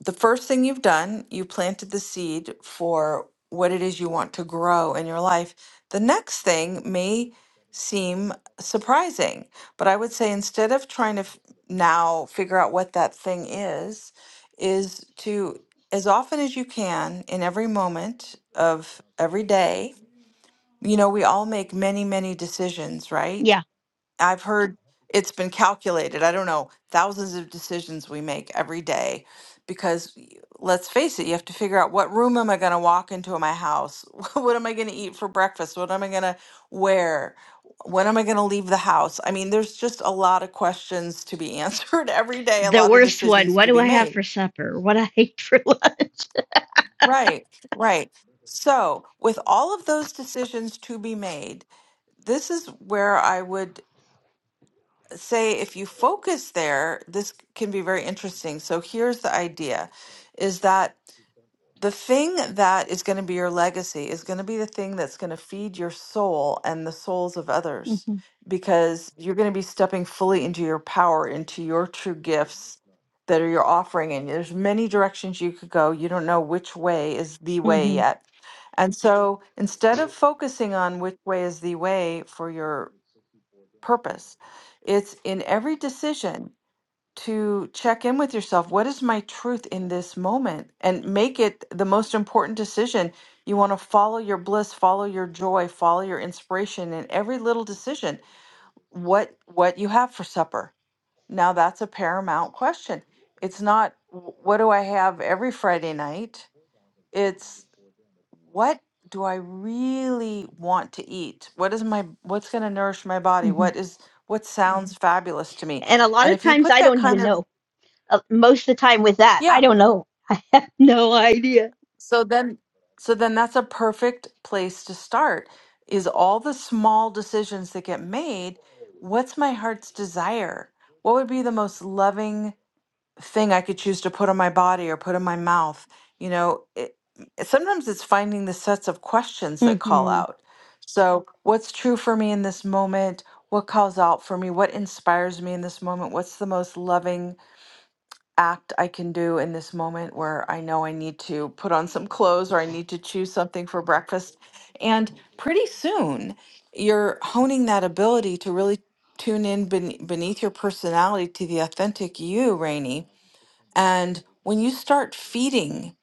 the first thing you've done, you planted the seed for what it is you want to grow in your life. The next thing may seem surprising, but I would say instead of trying to f- now figure out what that thing is, is to as often as you can in every moment of every day you know, we all make many, many decisions,
Yeah.
right? I've heard it's been calculated, I don't know, thousands of decisions we make every day because y- let's face it, you have to figure out what room am I going to walk into in my house? What am I going to eat for breakfast? What am I going to wear? When am I going to leave the house? I mean, there's just a lot of questions to be answered every day, a
the
lot of
worst one.
decisions
What
to
do
be
I have
made.
for supper? What I ate for lunch?
Right, right. So, with all of those decisions to be made, this is where I would say if you focus there, this can be very interesting. So here's the idea is that the thing that is going to be your legacy is going to be the thing that's going to feed your soul and the souls of
hmm
others because you're going to be stepping fully into your power, into your true gifts that are your offering and there's many directions you could go. You don't know which way is the way
hmm
yet. And so instead of focusing on which way is the way for your purpose. It's in every decision to check in with yourself. What is my truth in this moment? And make it the most important decision. You want to follow your bliss, follow your joy, follow your inspiration in every little decision. What what you have for supper? Now that's a paramount question. It's not "Wh- what do I have every Friday night? It's what do I really want to eat? What is my what's going to nourish my body?
hmm
What is what sounds Mhm. fabulous to me?
And a lot
And
of
if you
times
put
I
that
don't
kind
even
of
know. Uh, most of the time with that, I
yeah,
don't know. I have no idea.
so then so then that's a perfect place to start is all the small decisions that get made, what's my heart's desire? What would be the most loving thing I could choose to put on my body or put in my mouth. You know, it, sometimes it's finding the sets of questions that call
hmm
out. So, what's true for me in this moment? What calls out for me? What inspires me in this moment? What's the most loving act I can do in this moment where I know I need to put on some clothes or I need to choose something for breakfast? And pretty soon, you're honing that ability to really tune in ben- beneath your personality to the authentic you, Rainey and when you start feeding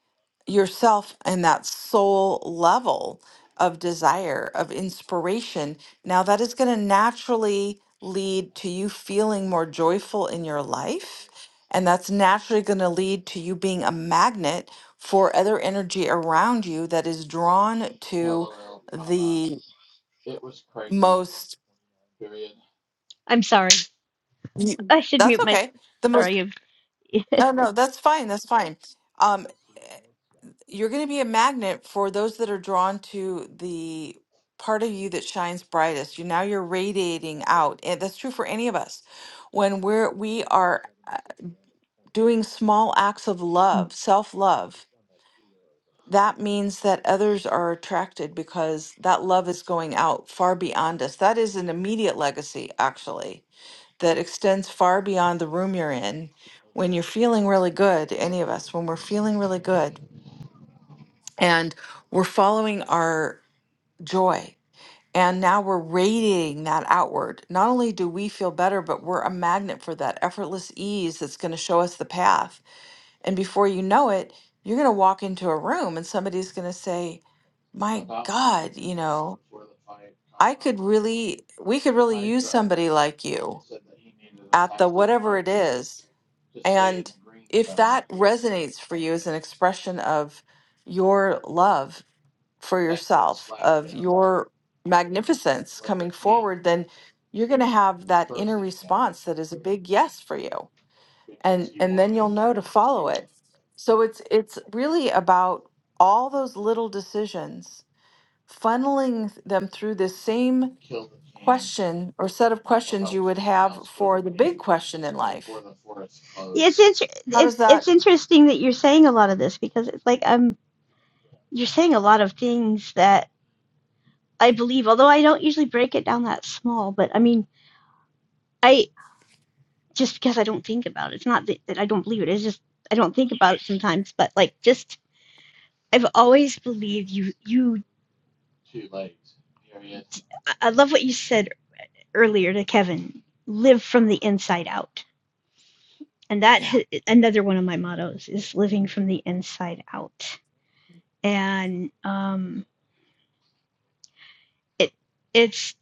yourself and that soul level of desire, of inspiration, now that is going to naturally lead to you feeling more joyful in your life. And that's naturally going to lead to you being a magnet for other energy around you that is drawn to the most.
I'm sorry.
y-
I should
That's
mute my.
okay. The most.
Sorry. I'm-
No, no, that's fine. That's fine. Um, you're going to be a magnet for those that are drawn to the part of you that shines brightest. You now you're radiating out, and that's true for any of us. When we're we are uh, doing small acts of love, self love, that means that others are attracted because that love is going out far beyond us. That is an immediate legacy, actually, that extends far beyond the room you're in. When you're feeling really good, any of us, when we're feeling really good, and we're following our joy. And now we're radiating that outward. Not only do we feel better, but we're a magnet for that effortless ease that's going to show us the path. And before you know it, you're going to walk into a room and somebody's going to say, My God, you know, I could really, we could really use somebody like you at the whatever it is. And if that resonates for you as an expression of your love, for yourself of your magnificence coming forward then you're going to have that inner response that is a big yes for you and and then you'll know to follow it so it's it's really about all those little decisions funneling them through this same question or set of questions you would have for the big question in life
Mm. It's inter-
how
it,
does that
it's interesting that you're saying a lot of this because it's like um you're saying a lot of things that I believe, although I don't usually break it down that small. But I mean. I. just because I don't think about it. It's not that, I don't believe it. It's just I don't think about it sometimes. But like, just I've always believed you. You, I love what you said earlier to Kevin. Live from the inside out, and that
yeah
another one of my mottos is living from the inside out. And um, it it's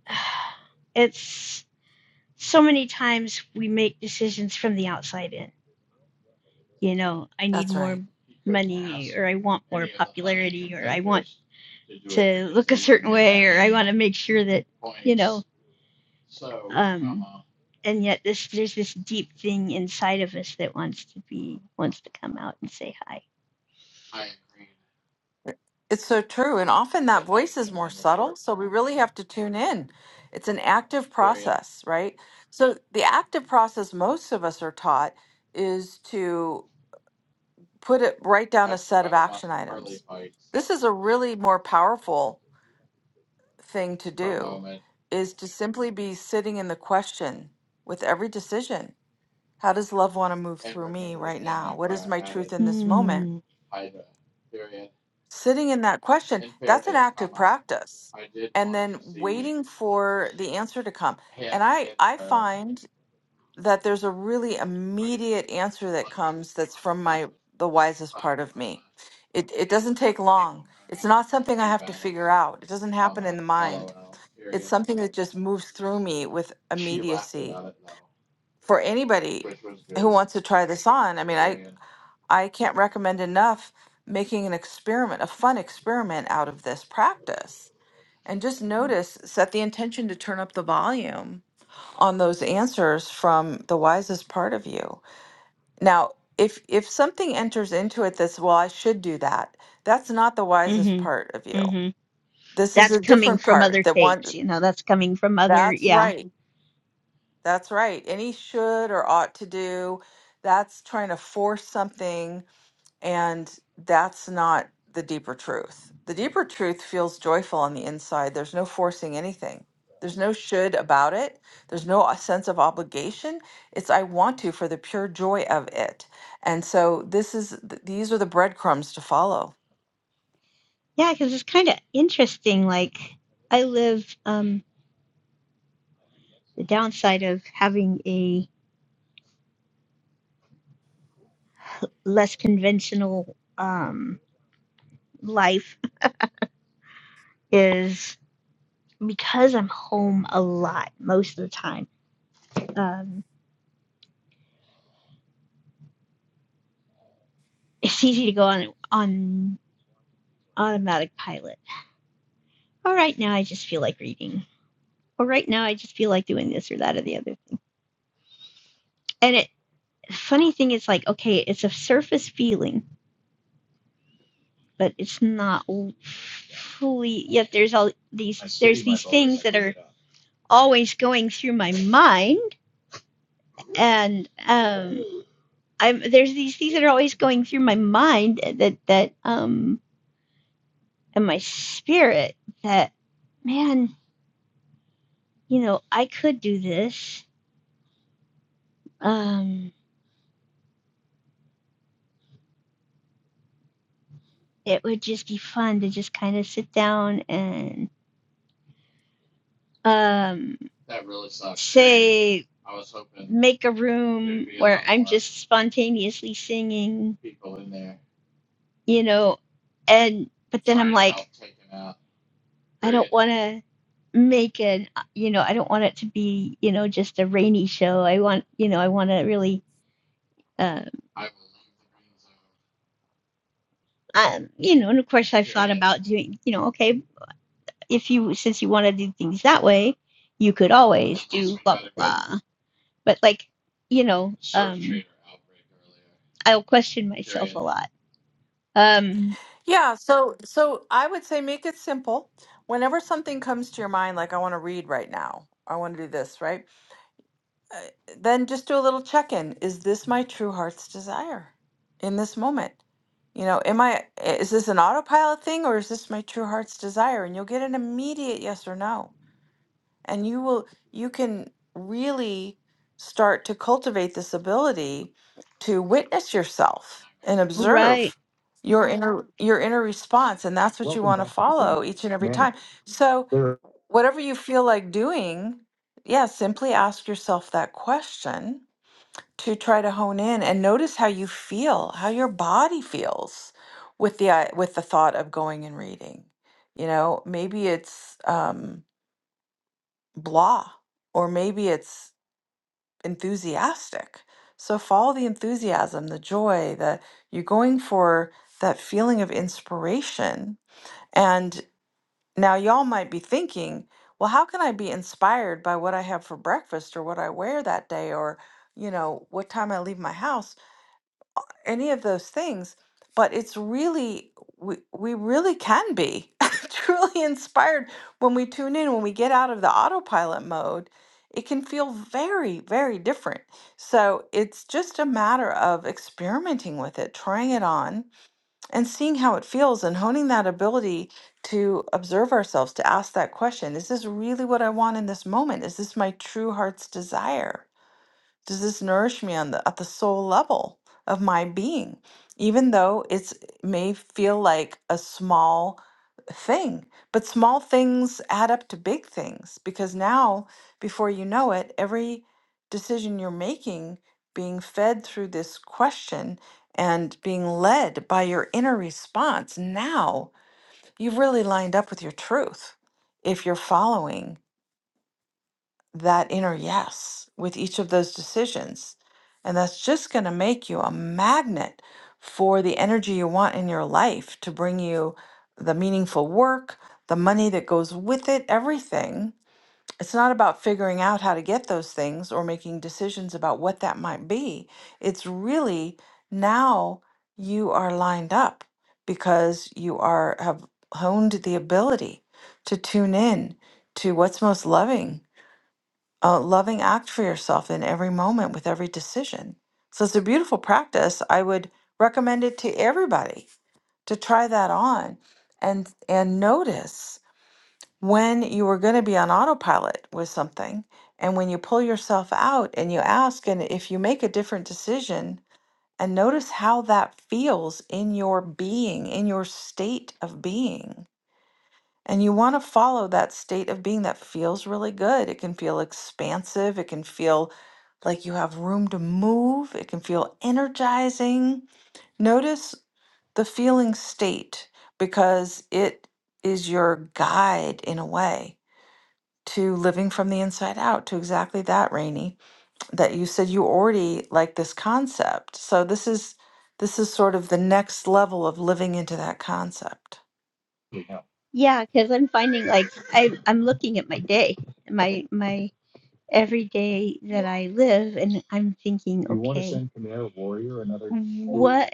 it's so many times we make decisions from the outside in you know, I need
that's right
more money or I want more popularity or I want to look a certain way or I want to make sure that, you know, um, and yet this there's this deep thing inside of us that wants to be wants to come out and say hi.
It's so true. And often that voice is more subtle. So we really have to tune in. It's an active process, right? So the active process most of us are taught is to put it, write down a set of action items. This is a really more powerful thing to do is to simply be sitting in the question with every decision. How does love want to move through me right now? What is my truth in this moment?
Mm,
sitting in that question, that's an active practice. And then waiting for the answer to come. And I I find that there's a really immediate answer that comes that's from my the wisest part of me. It it doesn't take long. It's not something I have to figure out. It doesn't happen in the mind. It's something that just moves through me with immediacy. For anybody who wants to try this on, I mean, I I can't recommend enough making an experiment, a fun experiment out of this practice. And just notice, set the intention to turn up the volume on those answers from the wisest part of you. Now, if if something enters into it that's, well, I should do that, that's not the wisest
mhm.
part of you.
Mhm.
This is
That's
a
coming
different
from
part
other
that one
tapes, you know. That's coming from other
that's
yeah.
right. That's right. Any should or ought to do, that's trying to force something And that's not the deeper truth. The deeper truth feels joyful on the inside. There's no forcing anything, there's no should about it, there's no o- sense of obligation. It's I want to for the pure joy of it. And so this is th- these are the breadcrumbs to follow.
Yeah, cuz it's kind of interesting like I live um the downside of having a. less conventional um, life is because I'm home a lot most of the time. Um, it's easy to go on on automatic pilot. All right, now I just feel like reading. Or right now I just feel like doing this or that or the other thing. And it funny thing is like okay, it's a surface feeling, but it's not fully. Yet there's all these there's these things that are always going through my mind and um, I'm there's these things that are always going through my mind that that um and my spirit that man, you know, I could do this. Um it would just be fun to just kind of sit down and um that really sucks. Say I was hoping make a room a where I'm life. just spontaneously singing, you know, and but then I'm like I don't want to make it, uh, you know, I don't want it to be, you know, just a rainy show. I want, you know, I want to really, uh, um, you know, and of course I've thought about doing, you know, okay, if you, since you want to do things that way, you could always do blah, blah, blah. But like, you know, um, I'll question myself a lot. Um,
Yeah, so so I would say make it simple. Whenever something comes to your mind like I want to read right now. I want to do this, right? uh, then just do a little check in. Is this my true heart's desire in this moment? You know, am I, is this an autopilot thing or is this my true heart's desire? And you'll get an immediate yes or no and you will you can really start to cultivate this ability to witness yourself and observe
right.
your Yeah. inner your inner response and that's what you want to follow each and every time so whatever you feel like doing yeah simply ask yourself that question to try to hone in and notice how you feel how your body feels with the i- with the thought of going and reading you know maybe it's um blah or maybe it's enthusiastic so follow the enthusiasm the joy the you're going for that feeling of inspiration and now y'all might be thinking well how can i be inspired by what i have for breakfast or what i wear that day or you know what time i leave my house any of those things but it's really we, we really can be truly inspired when we tune in when we get out of the autopilot mode it can feel very very different so it's just a matter of experimenting with it trying it on and seeing how it feels and honing that ability to observe ourselves to ask that question is this really what i want in this moment is this my true heart's desire does this nourish me on the at the soul level of my being? Even though it's it may feel like a small thing, but small things add up to big things because now before you know it, every decision you're making being fed through this question and being led by your inner response, now you've really lined up with your truth if you're following that inner yes with each of those decisions. And that's just going to make you a magnet for the energy you want in your life to bring you the meaningful work, the money that goes with it, everything. It's not about figuring out how to get those things or making decisions about what that might be. It's really now you are lined up because you are have honed the ability to tune in to what's most loving a loving act for yourself in every moment with every decision. So it's a beautiful practice. I would recommend it to everybody to try that on and and notice when you are going to be on autopilot with something and when you pull yourself out and you ask and if you make a different decision and notice how that feels in your being in your state of being and you want to follow that state of being that feels really good. It can feel expansive. It can feel like you have room to move. It can feel energizing. Notice the feeling state because it is your guide in a way to living from the inside out, to exactly that, Rainey, that you said you already like this concept. So this is this is sort of the next level of living into that concept.
Yeah, because I'm finding like I, I'm looking at my day, my my every day that I live, and I'm thinking, okay, what?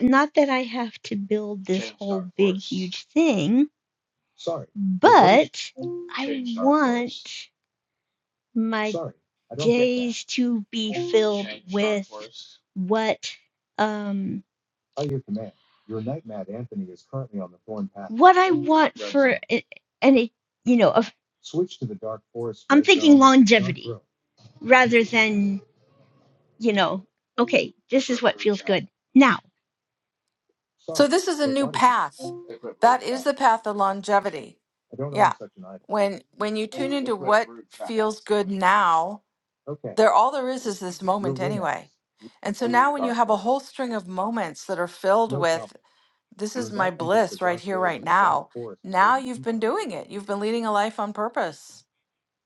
Not that I have to build this whole big, huge thing, Well, is but I want my days to be filled with what um what I want for zone. it, and it, you know, of I'm thinking Dark longevity rather than you know, okay, this is what feels good now.
So this is a new path. That is the path of longevity. Yeah. When when you tune into what feels good now, there all there is is this moment anyway. And so now when you have a whole string of moments that are filled with this is my bliss right here right now. Now you've been doing it. You've been leading a life on purpose.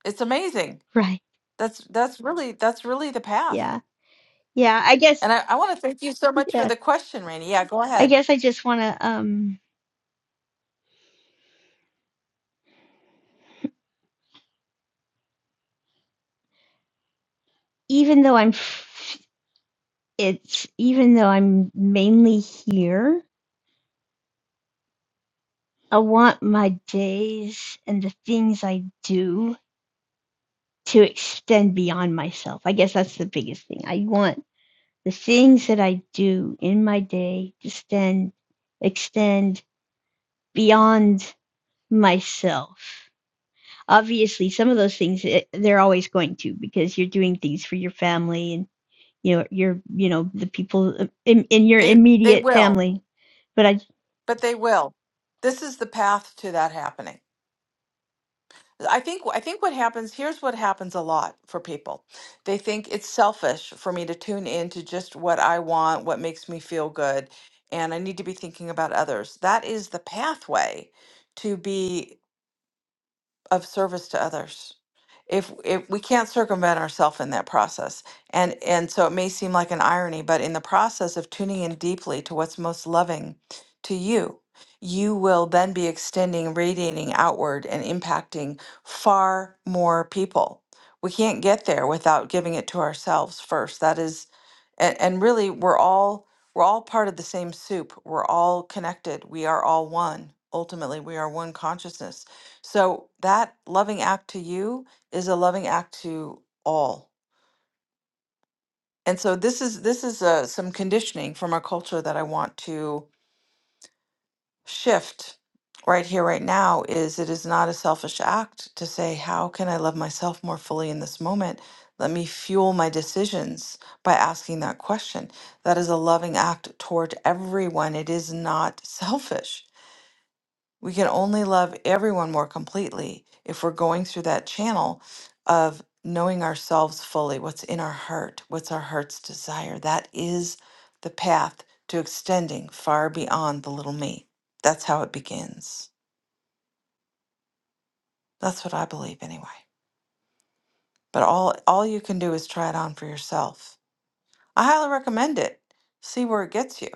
It's amazing.
Right.
That's that's really that's really the path.
Yeah. Yeah. I guess,
And I, I want to thank you so much for
yeah.
the question, Rainey. Yeah, go
I
ahead.
guess I just want to, um, even though I'm, it's, even though I'm mainly here, I want my days and the things I do to extend beyond myself. I guess that's the biggest thing. I want the things that I do in my day to extend, extend beyond myself obviously some of those things eh, they're always going to because you're doing things for your family and you know your you know the people uh, in, in your
They they
immediate
will.
family but i
but they will. This is the path to that happening. I think I think what happens here's what happens a lot for people. They think it's selfish for me to tune in to just what I want, what makes me feel good, and I need to be thinking about others. That is the pathway to be of service to others if if we can't circumvent ourselves in that process and and so it may seem like an irony but in the process of tuning in deeply to what's most loving to you you will then be extending radiating outward and impacting far more people we can't get there without giving it to ourselves first that is and, and really we're all we're all part of the same soup we're all connected we are all one ultimately we are one consciousness so that loving act to you is a loving act to all. And so this is this is uh, some conditioning from our culture that I want to shift right here right now is it is not a selfish act to say how can I love myself more fully in this moment? Let me fuel my decisions by asking that question. That is a loving act toward everyone. It is not selfish We can only love everyone more completely if we're going through that channel of knowing ourselves fully, what's in our heart, what's our heart's desire. That is the path to extending far beyond the little me. That's how it begins. That's what I believe anyway. But all all you can do is try it on for yourself. I highly recommend it. See where it gets you.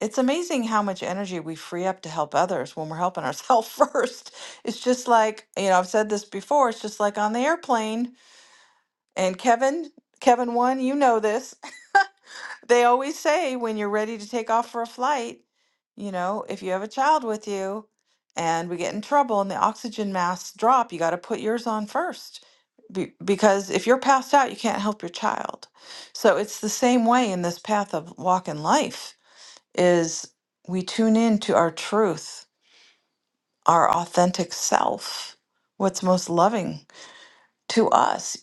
It's amazing how much energy we free up to help others when we're helping ourselves first. It's just like, you know, I've said this before, it's just like on the airplane. And Kevin, Kevin one, you know this. They always say when you're ready to take off for a flight, you know, if you have a child with you and we get in trouble and the oxygen masks drop, you got to put yours on first. Be- because if you're passed out, you can't help your child. So it's the same way in this path of walking life is we tune in to our truth, our authentic self, what's most loving to us,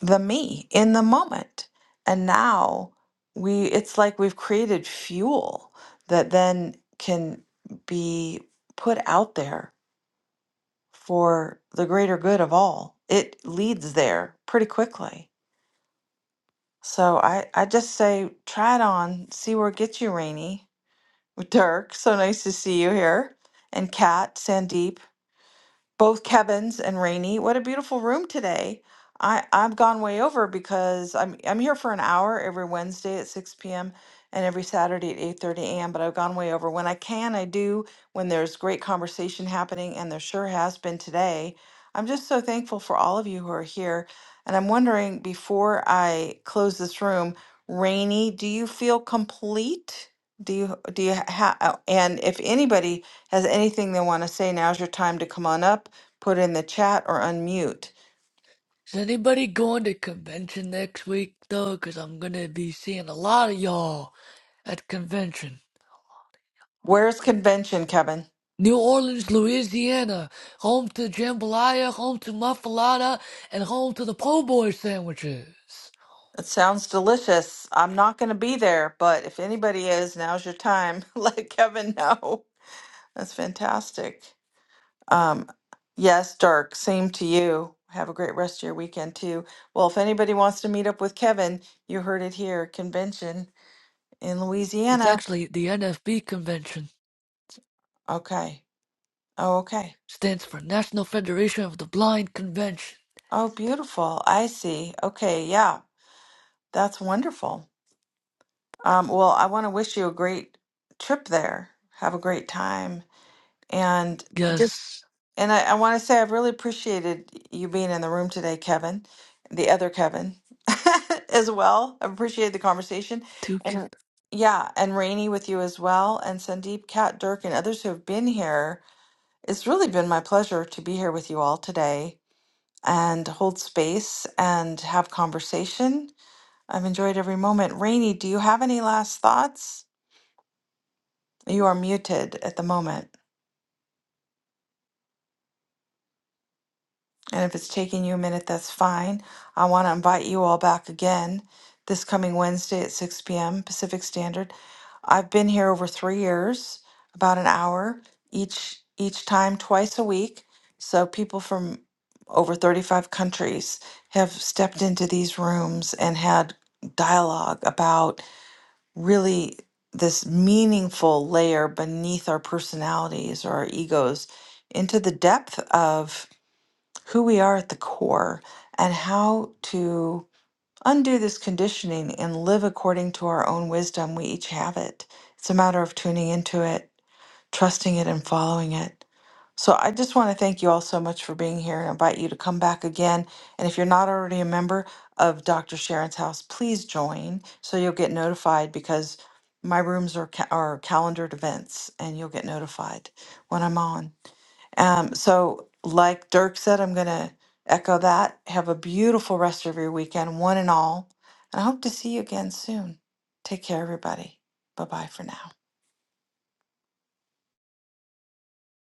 the me in the moment. And now we it's like we've created fuel that then can be put out there for the greater good of all. It leads there pretty quickly. So I, I just say try it on, see where it gets you, Rainy. Dirk, so nice to see you here and Kat, Sandeep. both Kevin's and Rainey. What a beautiful room today. I, I've gone way over because I'm I'm here for an hour every Wednesday at 6 p.m. and every Saturday at 8:30 a.m. But I've gone way over. When I can, I do when there's great conversation happening, and there sure has been today. I'm just so thankful for all of you who are here. And I'm wondering before I close this room, Rainey, do you feel complete? Do you do you ha- ha- and if anybody has anything they want to say, now's your time to come on up put in the chat or unmute.
is anybody going to convention next week though? Cause I'm gonna be seeing a lot of y'all at convention.
Where's convention, Kevin?
New Orleans, Louisiana, home to jambalaya, home to muffalata, and home to the po' boy sandwiches.
It sounds delicious. I'm not going to be there, but if anybody is, now's your time. Let Kevin know. That's fantastic. Um, yes, Dirk, same to you. Have a great rest of your weekend, too. Well, if anybody wants to meet up with Kevin, you heard it here convention in
It's
Louisiana.
actually the NFB convention.
Okay. Oh, okay.
Stands for National Federation of the Blind Convention.
Oh, beautiful. I see. Okay. Yeah. That's wonderful. Um, well, I want to wish you a great trip there. Have a great time. And just,
Yes,
and I, I want to say I've really appreciated you being in the room today, Kevin, the other Kevin as well. I appreciated the conversation. And yeah, and Rainey with you as well, and Sandeep, Kat, Dirk, and others who have been here. It's really been my pleasure to be here with you all today and hold space and have conversation. I've enjoyed every moment. Rainey, do you have any last thoughts? You are muted at the moment. And if it's taking you a minute, that's fine. I want to invite you all back again this coming Wednesday at 6 p.m. Pacific Standard. I've been here over three years, about an hour each each time, twice a week. So people from over 35 countries have stepped into these rooms and had dialogue about really this meaningful layer beneath our personalities or our egos into the depth of who we are at the core and how to undo this conditioning and live according to our own wisdom. We each have it. It's a matter of tuning into it trusting it and following it. So I just want to thank you all so much for being here and invite you to come back again. And if you're not already a member of Dr. Sharon's house, please join so you'll get notified because my rooms are ca- are calendared events and you'll get notified when I'm on. Um, so like Dirk said, I'm gonna echo that. Have a beautiful rest of your weekend, one and all. And I hope to see you again soon. Take care, everybody. Bye bye for now.